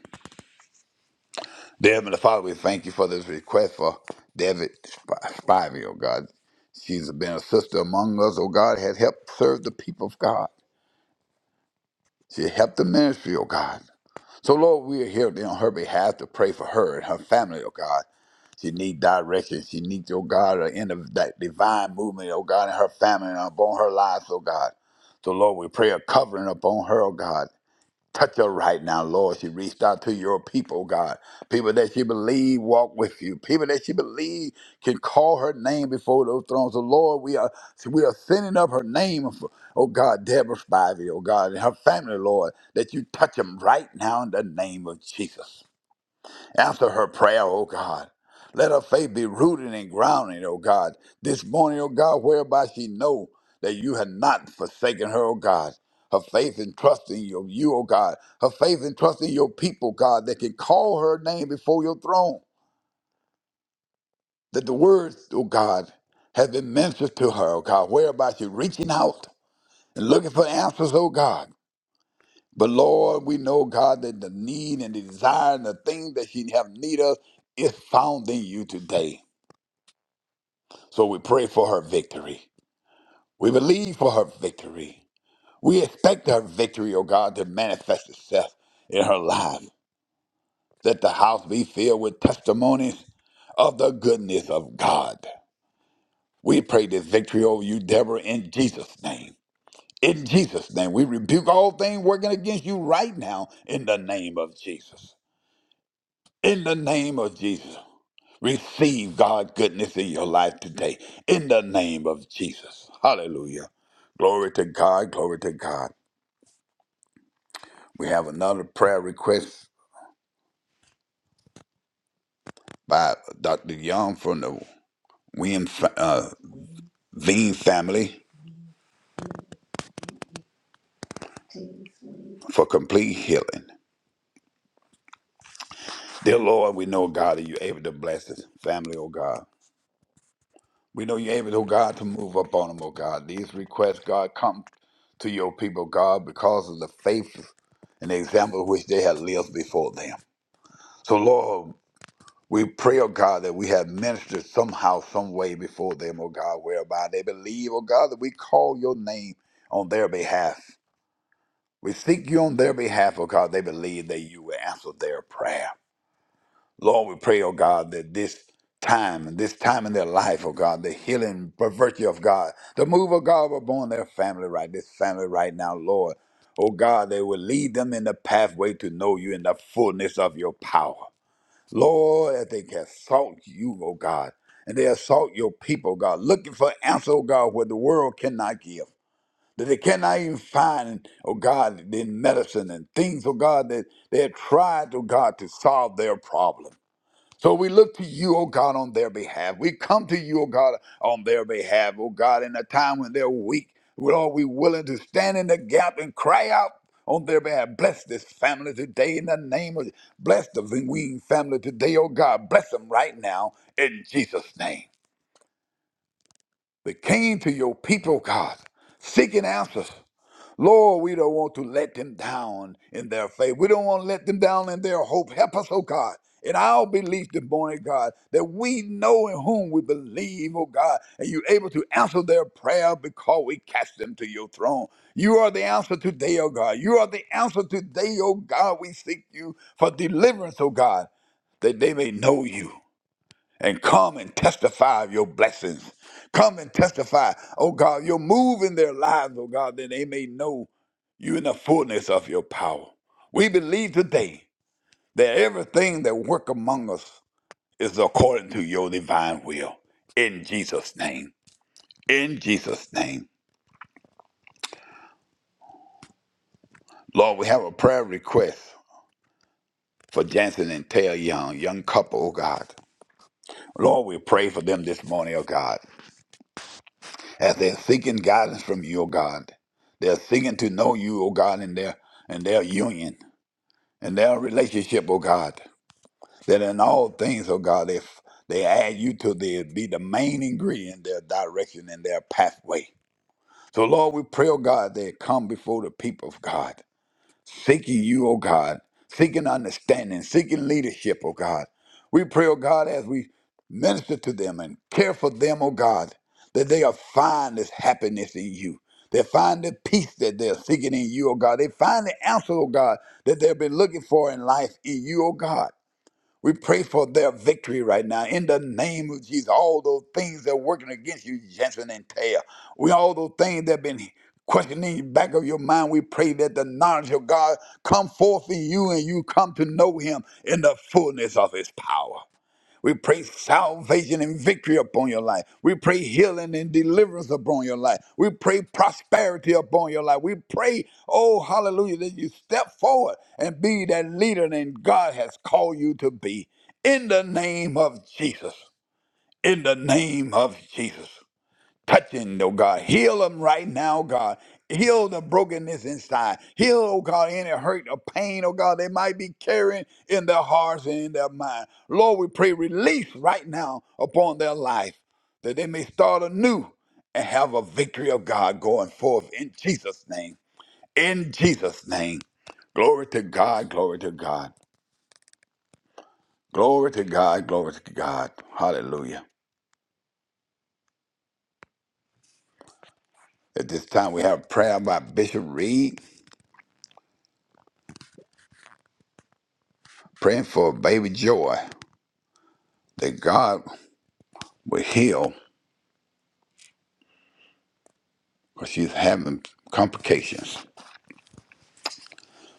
Speaker 2: Dear Heavenly Father, we thank you for this request for David Spivey, oh God. She's been a sister among us, oh God, has helped serve the people of God. She helped the ministry, oh God. So, Lord, we are here on her behalf to pray for her and her family, oh God. She need direction. She needs, oh God, an end of that divine movement, oh God, in her family and upon her lives, oh God. So, Lord, we pray a covering upon her, oh God. Touch her right now, Lord. She reached out to your people, oh God. People that she believe walk with you. People that she believe can call her name before those thrones. So, Lord, we are so we are sending up her name, for, oh God, Deborah Spivey, oh God, and her family, Lord, that you touch them right now in the name of Jesus after her prayer, O God. Let her faith be rooted and grounded, O God, this morning, O God, whereby she know that you have not forsaken her, O God. Her faith and trust in you, you, O God. Her faith and trust in your people, God, that can call her name before your throne. That the words, O God, have been ministered to her, O God, whereby she reaching out and looking for answers, O God. But Lord, we know, God, that the need and the desire and the thing that she have need of is found in you today. So we pray for her victory. We believe for her victory. We expect her victory, O God, to manifest itself in her life. Let the house be filled with testimonies of the goodness of God. We pray this victory over you, Deborah, in Jesus' name. In Jesus' name, we rebuke all things working against you right now in the name of Jesus. In the name of Jesus. Receive God goodness in your life today in the name of Jesus. Hallelujah. Glory to God. Glory to God. We have another prayer request by Dr. Young from the William uh, Veen family for complete healing. Dear Lord, we know, God, that you're able to bless this family, oh God. We know you're able, oh God, to move up on them, oh God. These requests, God, come to your people, God, because of the faith and the example which they have lived before them. So, Lord, We pray, oh God, that we have ministered somehow, some way before them, oh God, whereby they believe, oh God, that we call your name on their behalf. We seek you on their behalf, oh God, they believe that you will answer their prayer. Lord, we pray, oh God, that this time and this time in their life, oh God, the healing, by virtue of God, the move of God upon their family right, this family right now, Lord. Oh God, they will lead them in the pathway to know you in the fullness of your power. Lord, that they can assault you, oh God, and they assault your people, God, looking for answer, oh God, where the world cannot give, that they cannot even find, oh God, in medicine and things, oh God, that they have tried, oh God, to solve their problem. So we look to you, O God, on their behalf. We come to you, O God, on their behalf, O God, in a time when they're weak. Lord, we willing to stand in the gap and cry out on their behalf. Bless this family today in the name of bless the Van Ween family today, O God. Bless them right now in Jesus' name. We came to your people, God, seeking answers. Lord, we don't want to let them down in their faith. We don't want to let them down in their hope. Help us, oh God, in our belief this morning, God, that we know in whom we believe, oh God, and you're able to answer their prayer because we cast them to your throne. You are the answer today, oh God. You are the answer today, oh God. We seek you for deliverance, oh God, that they may know you and come and testify of your blessings. Come and testify, oh God, you're moving their lives, oh God, that they may know you in the fullness of your power. We believe today that everything that work among us is according to your divine will. In Jesus' name. In Jesus' name. Lord, we have a prayer request for Jansen and Taylor Young, young couple, oh God. Lord, we pray for them this morning, oh God. as they're seeking guidance from you, O God. They're seeking to know you, O God, in their in their union, in their relationship, O God. That in all things, O God, if they add you to the be the main ingredient, their direction and their pathway. So Lord, we pray, O God, they come before the people of God seeking you, oh God, seeking understanding, seeking leadership, oh God. We pray, oh God, as we minister to them and care for them, oh God, that they'll find this happiness in you. They find the peace that they're seeking in you, oh God. They find the answer, oh God, that they've been looking for in life in you, oh God. We pray for their victory right now in the name of Jesus. All those things that are working against you, Jensen and Taylor. We all those things that have been questioning in the back of your mind. We pray that the knowledge of God come forth in you and you come to know him in the fullness of his power. We pray salvation and victory upon your life. We pray healing and deliverance upon your life. We pray prosperity upon your life. We pray, oh, hallelujah, that you step forward and be that leader that God has called you to be. In the name of Jesus. In the name of Jesus touching, oh God. Heal them right now, God. Heal the brokenness inside. Heal, oh God, any hurt or pain, oh God, they might be carrying in their hearts and in their mind. Lord, we pray release right now upon their life that they may start anew and have a victory of God going forth in Jesus' name. In Jesus' name. Glory to God, glory to God. Glory to God, glory to God. Hallelujah. At this time, we have prayer by Bishop Reed. praying for baby Joy that God will heal because she's having complications.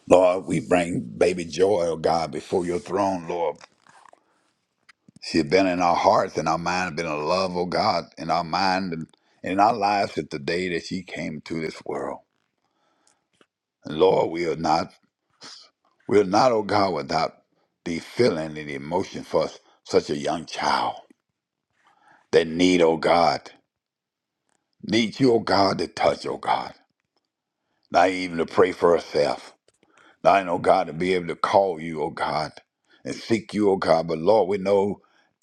Speaker 2: Lord, we bring baby Joy, oh God, before your throne, Lord. She's been in our hearts and our mind, been in love, oh God, in our mind and in our lives since the day that she came to this world. And Lord, we are not, we are not, oh God, without the feeling and the emotion for such a young child that need, oh God, need you, oh God, to touch, oh God, not even to pray for herself. I know, God, to be able to call you, oh God, and seek you, oh God. But Lord, we know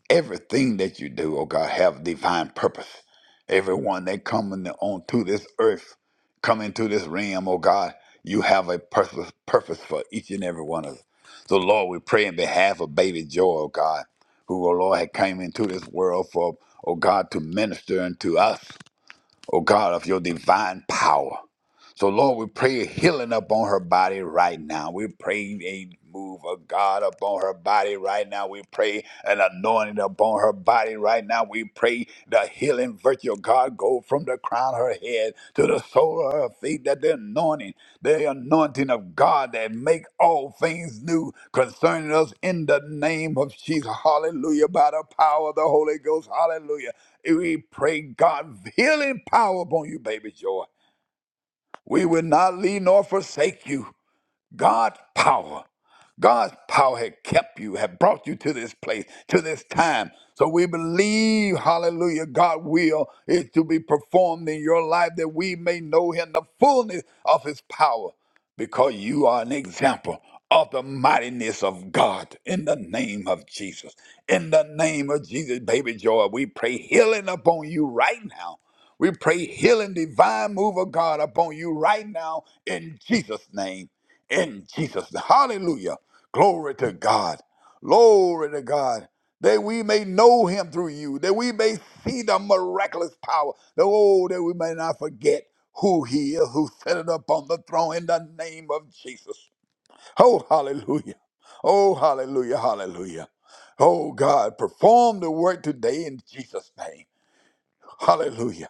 Speaker 2: everything that you do, oh God, have divine purpose. Everyone that coming on to this earth, come into this realm, oh God, you have a purpose, purpose for each and every one of us. So Lord, we pray in behalf of baby Joy, oh God, who, oh Lord, had came into this world for, oh God, to minister unto us oh God, of your divine power. So, Lord, we pray a healing upon her body right now. We pray a move of God upon her body right now. We pray an anointing upon her body right now. We pray the healing virtue of God go from the crown of her head to the sole of her feet, that the anointing, the anointing of God that make all things new concerning us in the name of Jesus. Hallelujah. By the power of the Holy Ghost. Hallelujah. We pray, God, healing power upon you, baby joy. We will not leave nor forsake you. God's power. God's power had kept you, had brought you to this place, to this time. So we believe, hallelujah, God's will is to be performed in your life that we may know Him the fullness of His power because you are an example of the mightiness of God in the name of Jesus. In the name of Jesus, baby joy, we pray healing upon you right now. We pray healing, divine move of God upon you right now in Jesus' name in Jesus. Hallelujah. Glory to God. Glory to God. That we may know him through you, that we may see the miraculous power, that, oh, that we may not forget who he is, who set it up on the throne in the name of Jesus. Oh, hallelujah. Oh, hallelujah, hallelujah. Oh, God, perform the work today in Jesus' name. Hallelujah.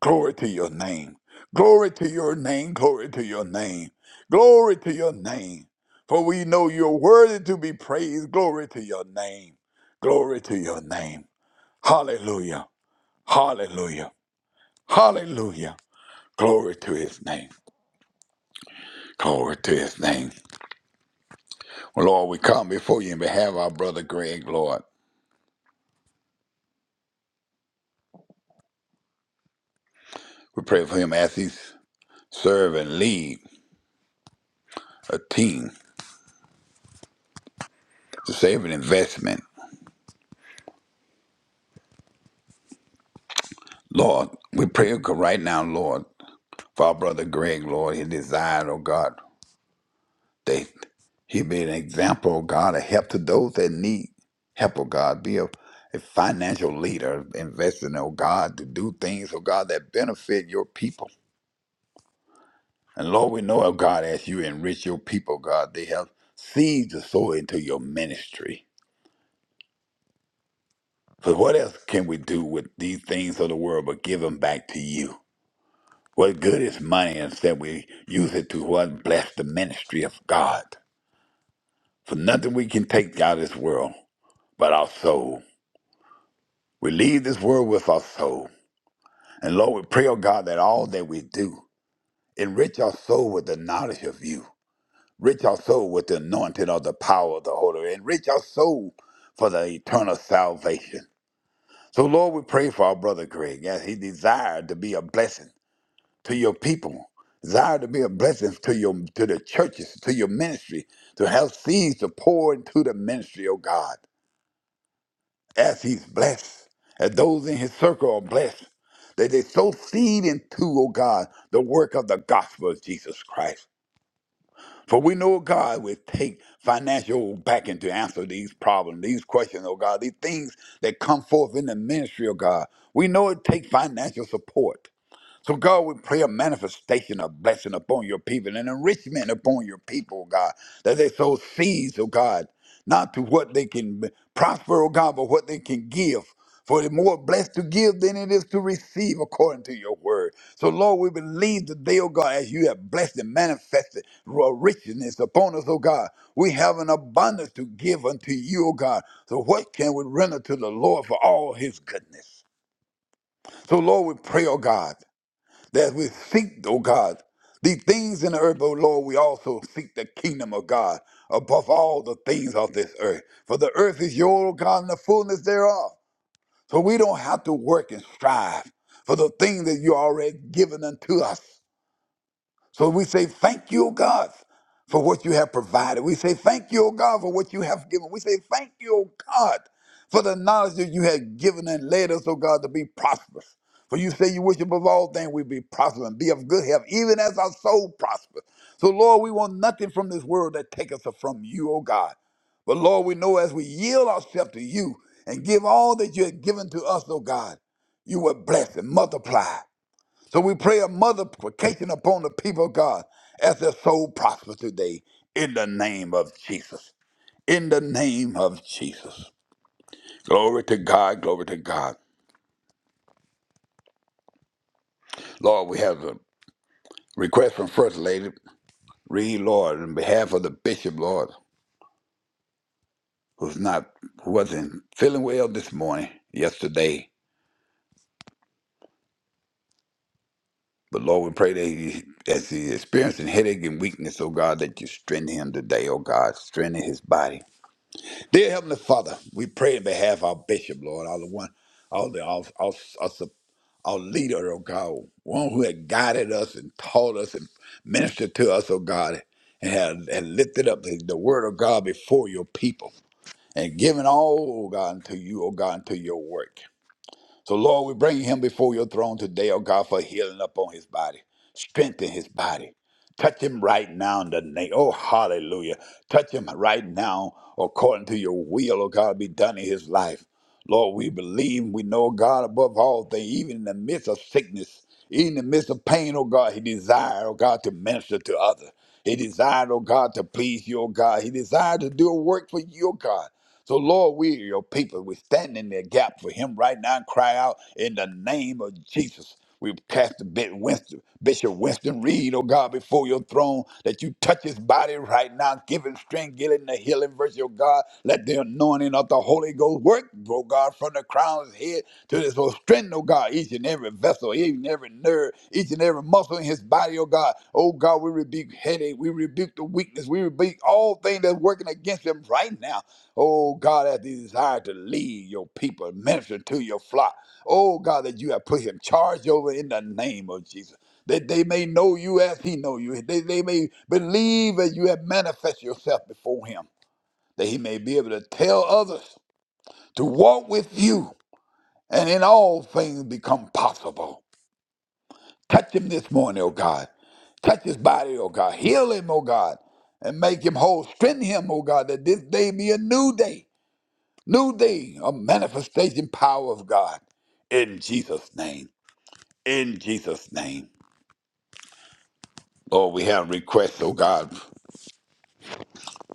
Speaker 2: Glory to your name. Glory to your name. Glory to your name. Glory to your name. For we know you're worthy to be praised. Glory to your name. Glory to your name. Hallelujah. Hallelujah. Hallelujah. Glory to his name. Glory to his name. Lord, we come before you in behalf of our brother Greg, Lord. We pray for him as he serve and lead a team to save an investment. Lord, we pray right now, Lord. for our brother Greg, Lord. He desired, oh God, that he be an example, oh God, of help to those that need help, oh God. Be a, a financial leader, investing, oh God, to do things, oh God, that benefit your people. And Lord, we know, oh God, as you enrich your people, God, they have seeds to sow into your ministry. For what else can we do with these things of the world but give them back to you? What good is money instead we use it to what bless the ministry of God? For nothing we can take out of this world but our soul. We leave this world with our soul. And Lord, we pray, oh God, that all that we do, enrich our soul with the knowledge of you. Enrich our soul with the anointing of the power of the Holy. Spirit. Enrich our soul for the eternal salvation. So, Lord, we pray for our brother Greg as he desired to be a blessing to your people, desire to be a blessing to your to the churches, to your ministry, to have seeds to pour into the ministry, oh God. as he's blessed, as those in his circle are blessed, that they sow seed into, O God, the work of the gospel of Jesus Christ. For we know God will take financial backing to answer these problems, these questions, oh God, these things that come forth in the ministry, oh God. We know it takes financial support. So, God, we pray a manifestation of blessing upon your people and enrichment upon your people, oh God, that they sow seeds, oh God, not to what they can b- prosper, oh God, but what they can give. For it's more blessed to give than it is to receive, according to your word. So, Lord, we believe today, oh God, as you have blessed and manifested your richness upon us, oh God, we have an abundance to give unto you, oh God. So, what can we render to the Lord for all his goodness? So, Lord, we pray, oh God that we seek, O God, the things in the earth, O Lord, we also seek the kingdom of God above all the things of this earth. For the earth is your, O God, and the fullness thereof. So we don't have to work and strive for the things that you already given unto us. So we say, Thank you, O God, for what you have provided. We say, Thank you, O God, for what you have given. We say, Thank you, O God, for the knowledge that you have given and led us, O God, to be prosperous. For you say you wish above all things we be prosperous and be of good health, even as our soul prospers. So, Lord, we want nothing from this world that take us from you, O God. But, Lord, we know as we yield ourselves to you and give all that you have given to us, O God, you will bless and multiply. So we pray a multiplication upon the people of God as their soul prospers today in the name of Jesus. In the name of Jesus. Glory to God, glory to God. Lord, we have a request from First Lady Reed, Lord, on behalf of the Bishop, Lord, who's not, who wasn't feeling well this morning, yesterday. But Lord, we pray that he, as he experiencing headache and weakness, oh God, that you strengthen him today, oh God, strengthen his body. Dear Heavenly Father, we pray in behalf of our bishop, Lord, all the one, all the all, all, all, our leader, oh God, one who had guided us and taught us and ministered to us, oh God, and had, had lifted up the, the word of God before your people and given all, oh God, unto you, oh God, unto your work. So, Lord, we bring him before your throne today, oh God, for healing upon his body. Strengthen his body. Touch him right now in the name. Oh, hallelujah. Touch him right now according to your will, oh God, be done in his life. Lord, we believe, we know oh God above all things, even in the midst of sickness, even in the midst of pain, oh God, he desired, oh God, to minister to others. He desired, oh God, to please you, oh God. He desired to do a work for you, oh God. So, Lord, we are your people. We stand in the gap for him right now and cry out in the name of Jesus. We cast Bishop Winston, Bishop Winston Reed, oh God, before your throne, that you touch his body right now, give him strength, give him the healing virtue, oh God. Let the anointing of the Holy Ghost work, oh God, from the crown of his head to his whole strength, oh God, each and every vessel, each and every nerve, each and every muscle in his body, oh God. Oh God, we rebuke headache, we rebuke the weakness, we rebuke all things that's working against him right now. Oh God, as he desired to lead your people, minister to your flock. Oh God, that you have put him charge over in the name of Jesus. That they may know you as he know you. They, they may believe as you have manifest yourself before him. That he may be able to tell others to walk with you and in all things become possible. Touch him this morning, oh God. Touch his body, oh God. Heal him, oh God. And make him whole. Strengthen him, oh God, that this day be a new day New day, a manifestation power of God. In Jesus' name. In Jesus' name. Lord, we have requests, oh God,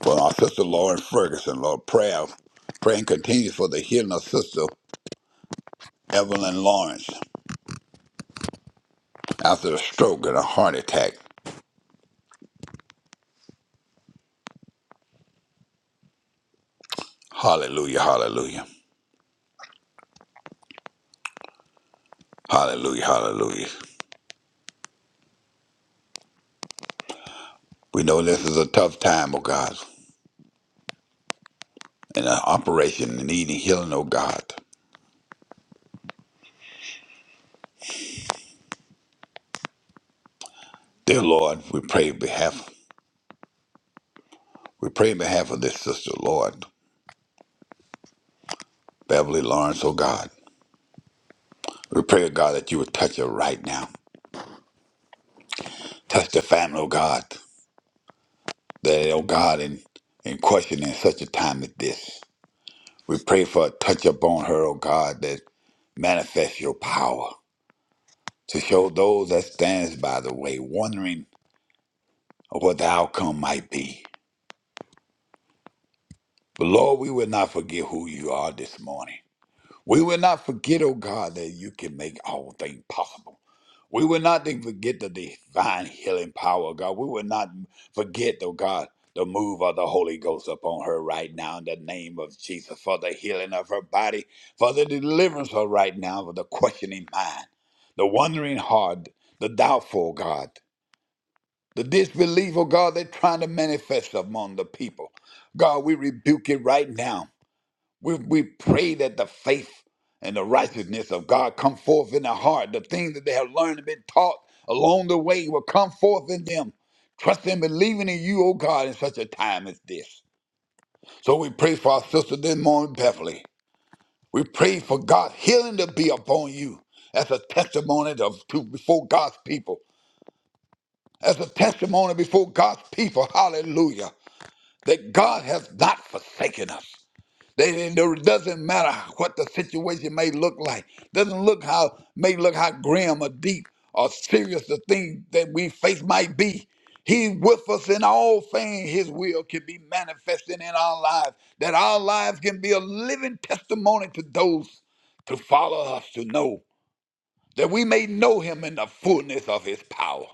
Speaker 2: for our sister Lauren Ferguson, Lord, prayer. Praying continues for the healing of sister Evelyn Lawrence after a stroke and a heart attack. Hallelujah, hallelujah. Hallelujah, hallelujah. We know this is a tough time, oh God, and an operation needing healing, oh God. Dear Lord, we pray in behalf we pray in behalf of this sister, Lord. Beverly Lawrence, oh God. We pray, oh God, that you would touch her right now. Touch the family, oh God. That, oh God, in, in question in such a time as this. We pray for a touch upon her, oh God, that manifests your power to show those that stands by the way, wondering of what the outcome might be. But Lord, we will not forget who you are this morning. We will not forget, oh God, that you can make all things possible. We will not then forget the divine healing power, oh God. We will not forget, oh God, the move of the Holy Ghost upon her right now in the name of Jesus for the healing of her body, for the deliverance of right now, for the questioning mind, the wondering heart, the doubtful oh God, the disbelief, oh God, are trying to manifest among the people. God, we rebuke it right now we, we pray that the faith and the righteousness of God come forth in their heart. The things that they have learned and been taught along the way will come forth in them. Trust and believing in you, O God, in such a time as this. So we pray for our sister this morning, Beverly. We pray for God's healing to be upon you as a testimony of, to before God's people. As a testimony before God's people, hallelujah, that God has not forsaken us. They, it doesn't matter what the situation may look like. Doesn't look how may look how grim or deep or serious the thing that we face might be. He with us in all things. His will can be manifested in our lives. That our lives can be a living testimony to those to follow us to know that we may know Him in the fullness of His power.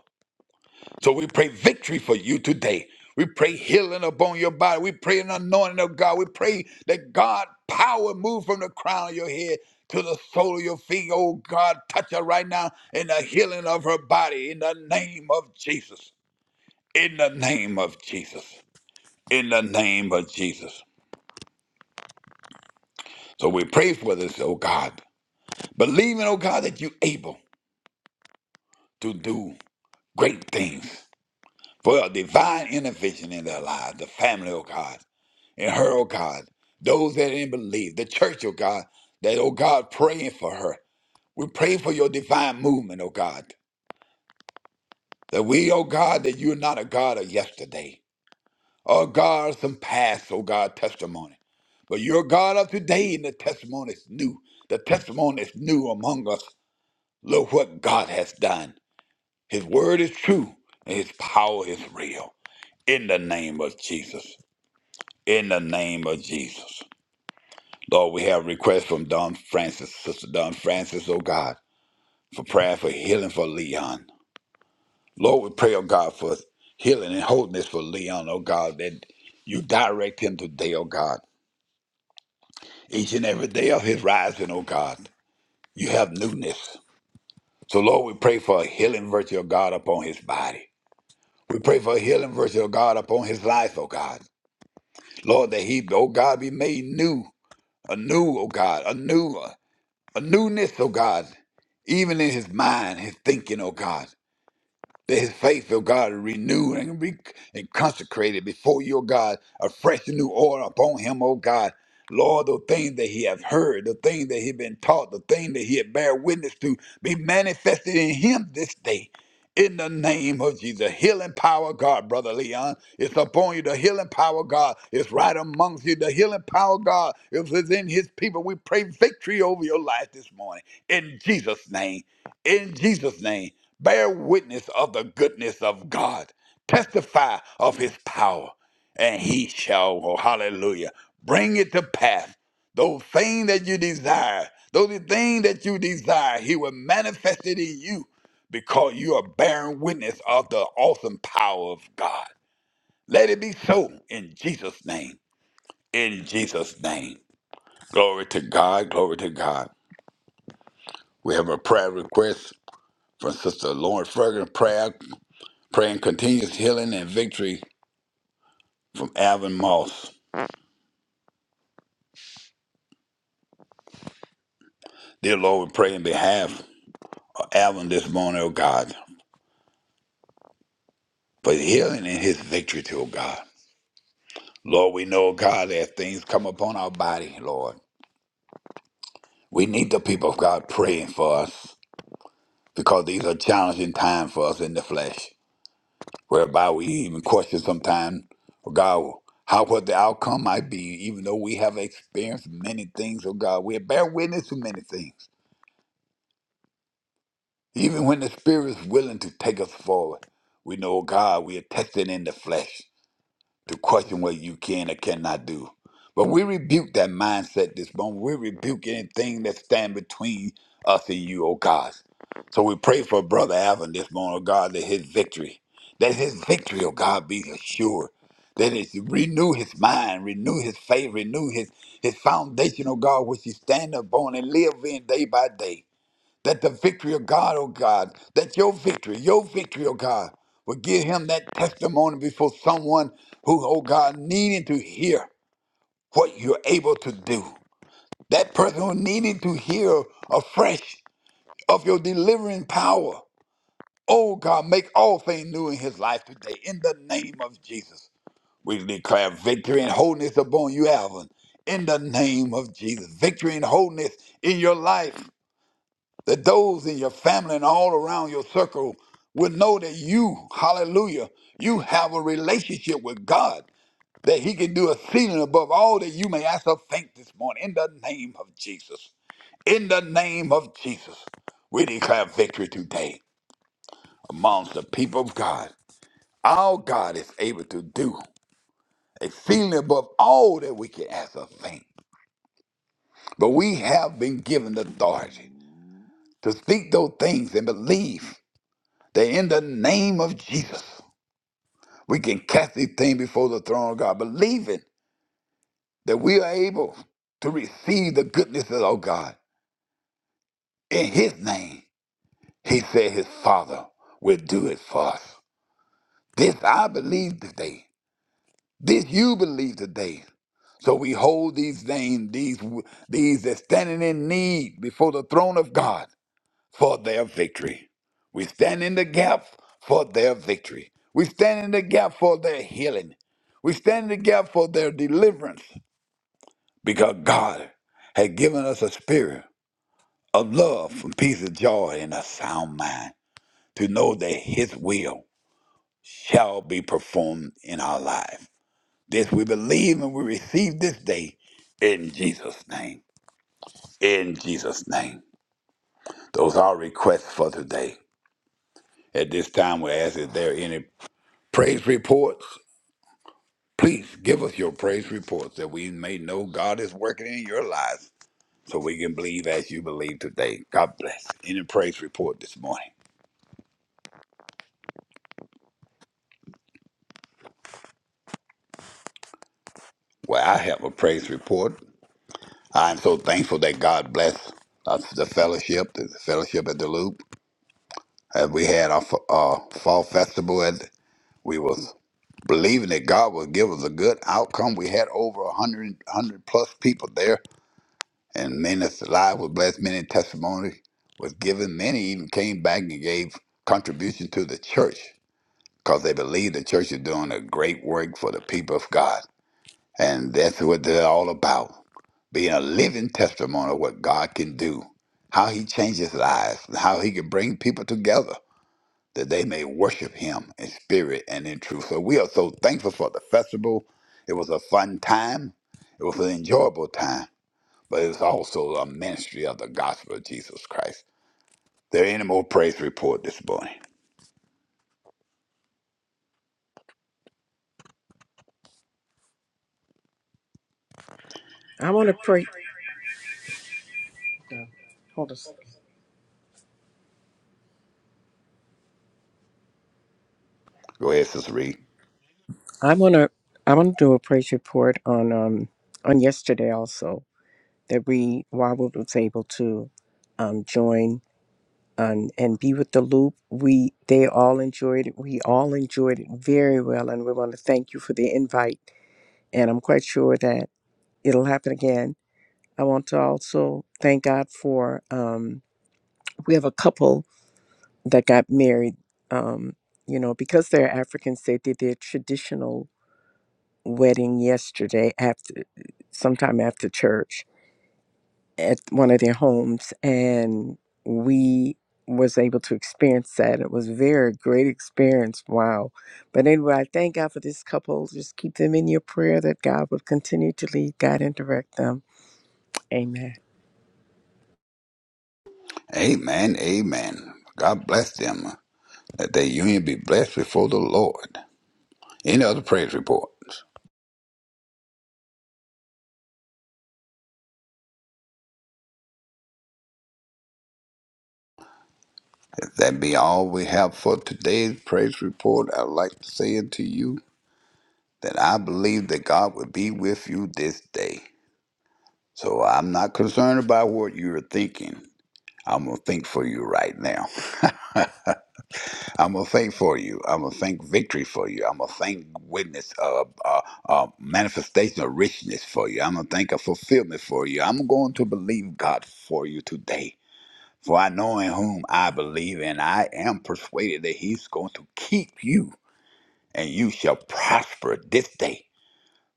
Speaker 2: So we pray victory for you today. We pray healing upon your body. We pray an anointing of God. We pray that God power move from the crown of your head to the sole of your feet. Oh God, touch her right now in the healing of her body in the name of Jesus. In the name of Jesus. In the name of Jesus. So we pray for this, oh God. Believing, oh God, that you're able to do great things for a divine intervention in their lives, the family, oh God and her, oh God, those that didn't believe, the church, oh God, that, oh God, praying for her. We pray for your divine movement, oh God, that we, oh God, that you're not a God of yesterday. Oh God, of some past, oh God, testimony. But you're God of today, and the testimony is new. The testimony is new among us. Look what God has done. His word is true, and his power is real. In the name of Jesus. In the name of Jesus. Lord, we have requests from Don Francis, Sister Don Francis, oh God, for prayer for healing for Leon. Lord, we pray, oh God, for healing and wholeness for Leon, oh God, that you direct him today, oh God. Each and every day of his rising, oh God, you have newness. So, Lord, we pray for a healing virtue, of God, upon his body. We pray for a healing virtue, of God, upon his life, oh God. Lord, that he, oh God, be made new, anew, oh God, anew. a newness, oh God, even in his mind, his thinking, oh God that his faith, O God, is renewed and, re- and consecrated before you, O God, a fresh and new order upon him, O God. Lord, the things that he have heard, the things that he been taught, the thing that he had bear witness to, be manifested in him this day. In the name of Jesus, healing power, God, brother Leon, it's upon you. The healing power, God, is right amongst you. The healing power, God, is within His people. We pray victory over your life this morning in Jesus' name in Jesus' name, bear witness of the goodness of God, testify of his power, and he shall, oh, hallelujah, bring it to pass. Those things that you desire, those things that you desire, he will manifest it in you because you are bearing witness of the awesome power of God. Let it be so in Jesus' name. In Jesus' name. Glory to God. Glory to God. We have a prayer request from Sister Lauren Ferguson. Prayer. Praying continuous healing and victory from Alvin Moss. Dear Lord, we pray in behalf of Alvin this morning, oh God, for healing and his victory, to oh God. Lord, we know, oh God, that things come upon our body, Lord. We need the people of God praying for us because these are challenging times for us in the flesh, whereby we even question sometimes, oh God, how what the outcome might be, even though we have experienced many things, oh God. We bear witness to many things. Even when the Spirit is willing to take us forward, we know, oh God, we are tested in the flesh to question what you can or cannot do. But we rebuke that mindset this moment. We rebuke anything that stand between us and you, oh God. So we pray for Brother Alvin this morning, oh God, that his victory, that his victory, oh God, be assured. That it renew his mind, renew his faith, renew his his foundation, oh God, which he stand upon and live in day by day that the victory of God, oh God, that your victory, your victory, oh God, would give him that testimony before someone who, oh God, needed to hear what you're able to do. That person who needed to hear afresh of your delivering power. Oh God, make all things new in his life today. In the name of Jesus, we declare victory and wholeness upon you, Alvin. In the name of Jesus, victory and wholeness in your life that those in your family and all around your circle will know that you, hallelujah, you have a relationship with God, that He can do exceeding above all that you may ask or think this morning. In the name of Jesus. In the name of Jesus, we declare victory today amongst the people of God. Our God is able to do exceeding above all that we can ask or think. But we have been given the authority to speak those things and believe. that in the name of Jesus, we can cast these things before the throne of God, believing that we are able to receive the goodness of our God. In his name, he said his Father will do it for us. This I believe today. This you believe today. So we hold these things, these, these that standing in need before the throne of God for their victory. We stand in the gap for their victory. We stand in the gap for their healing. We stand in the gap for their deliverance because God has given us a spirit of love and peace and joy and a sound mind to know that His will shall be performed in our life. This we believe and we receive this day in Jesus' name. In Jesus' name. Those are requests for today. At this time, we ask if there any Praise reports. Please give us your praise reports that we may know God is working in your lives so we can believe as you believe today. God bless. Any praise report this morning? Well, I have a praise report. I'm so thankful that God blessed us, the fellowship, the fellowship at the Loop. As we had our f- uh, fall festival, and we was believing that God would give us a good outcome. We had over 100, 100 plus people there and many lives were blessed, many testimony was given. Many even came back and gave contribution to the church because they believe the church is doing a great work for the people of God. And that's what they're all about, being a living testimony of what God can do, how he changes lives, and how he can bring people together that they may worship him in spirit and in truth. So we are so thankful for the festival. It was a fun time. It was an enjoyable time but it's also a ministry of the gospel of Jesus Christ. There any more praise report this morning?
Speaker 6: I want to pray. Hold on.
Speaker 2: Go ahead, Sister Reed.
Speaker 6: I want to. I want to do a praise report on um on yesterday also that we Wawood was able to um join and and be with the loop. We they all enjoyed it. We all enjoyed it very well, and we want to thank you for the invite. And I'm quite sure that it'll happen again. I want to also thank God for um we have a couple that got married um you know because they're Africans they did their traditional wedding yesterday after sometime after church at one of their homes and we was able to experience that it was a very great experience wow but anyway i thank god for this couple just keep them in your prayer that god will continue to lead god and direct them amen
Speaker 2: Amen, amen. God bless them. That their union be blessed before the Lord. Any other praise reports? If that be all we have for today's praise report, I'd like to say unto you that I believe that God will be with you this day. So I'm not concerned about what you're thinking. I'm going to think for you right now. I'm gonna thank for you. I'm gonna thank victory for you. I'm gonna thank witness, uh, uh, uh, manifestation of richness for you. I'm gonna thank a fulfillment for you. I'm going to believe God for you today. For I know in whom I believe, and I am persuaded that He's going to keep you, and you shall prosper this day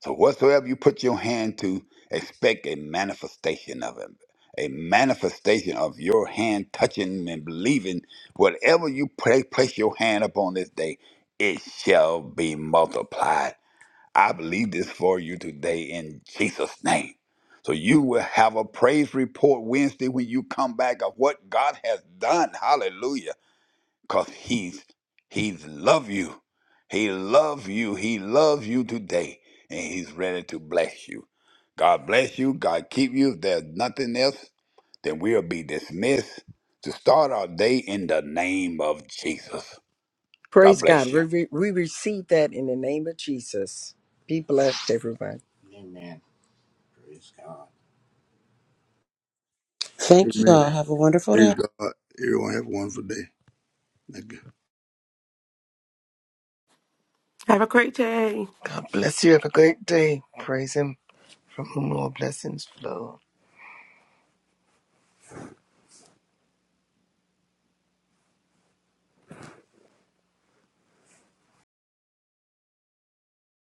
Speaker 2: so whatsoever you put your hand to, expect a manifestation of it. A manifestation of your hand touching and believing whatever you pray, place your hand upon this day, it shall be multiplied. I believe this for you today in Jesus' name. So you will have a praise report Wednesday when you come back of what God has done. Hallelujah because he's he's love you he love you he loves you today and he's ready to bless you god bless you god keep you if there's nothing else then we'll be dismissed to start our day in the name of jesus
Speaker 6: Praise
Speaker 2: god
Speaker 6: God.
Speaker 2: bless you
Speaker 6: We, re- we receive that in the name of Jesus. Be blessed, everyone.
Speaker 7: Thank you
Speaker 5: Amen.
Speaker 7: all. Have a wonderful
Speaker 5: Praise
Speaker 7: day.
Speaker 5: God. Everyone have a wonderful day. Thank you.
Speaker 8: Have a great day.
Speaker 1: God bless you. Have a great day. Praise Him from whom all blessings flow.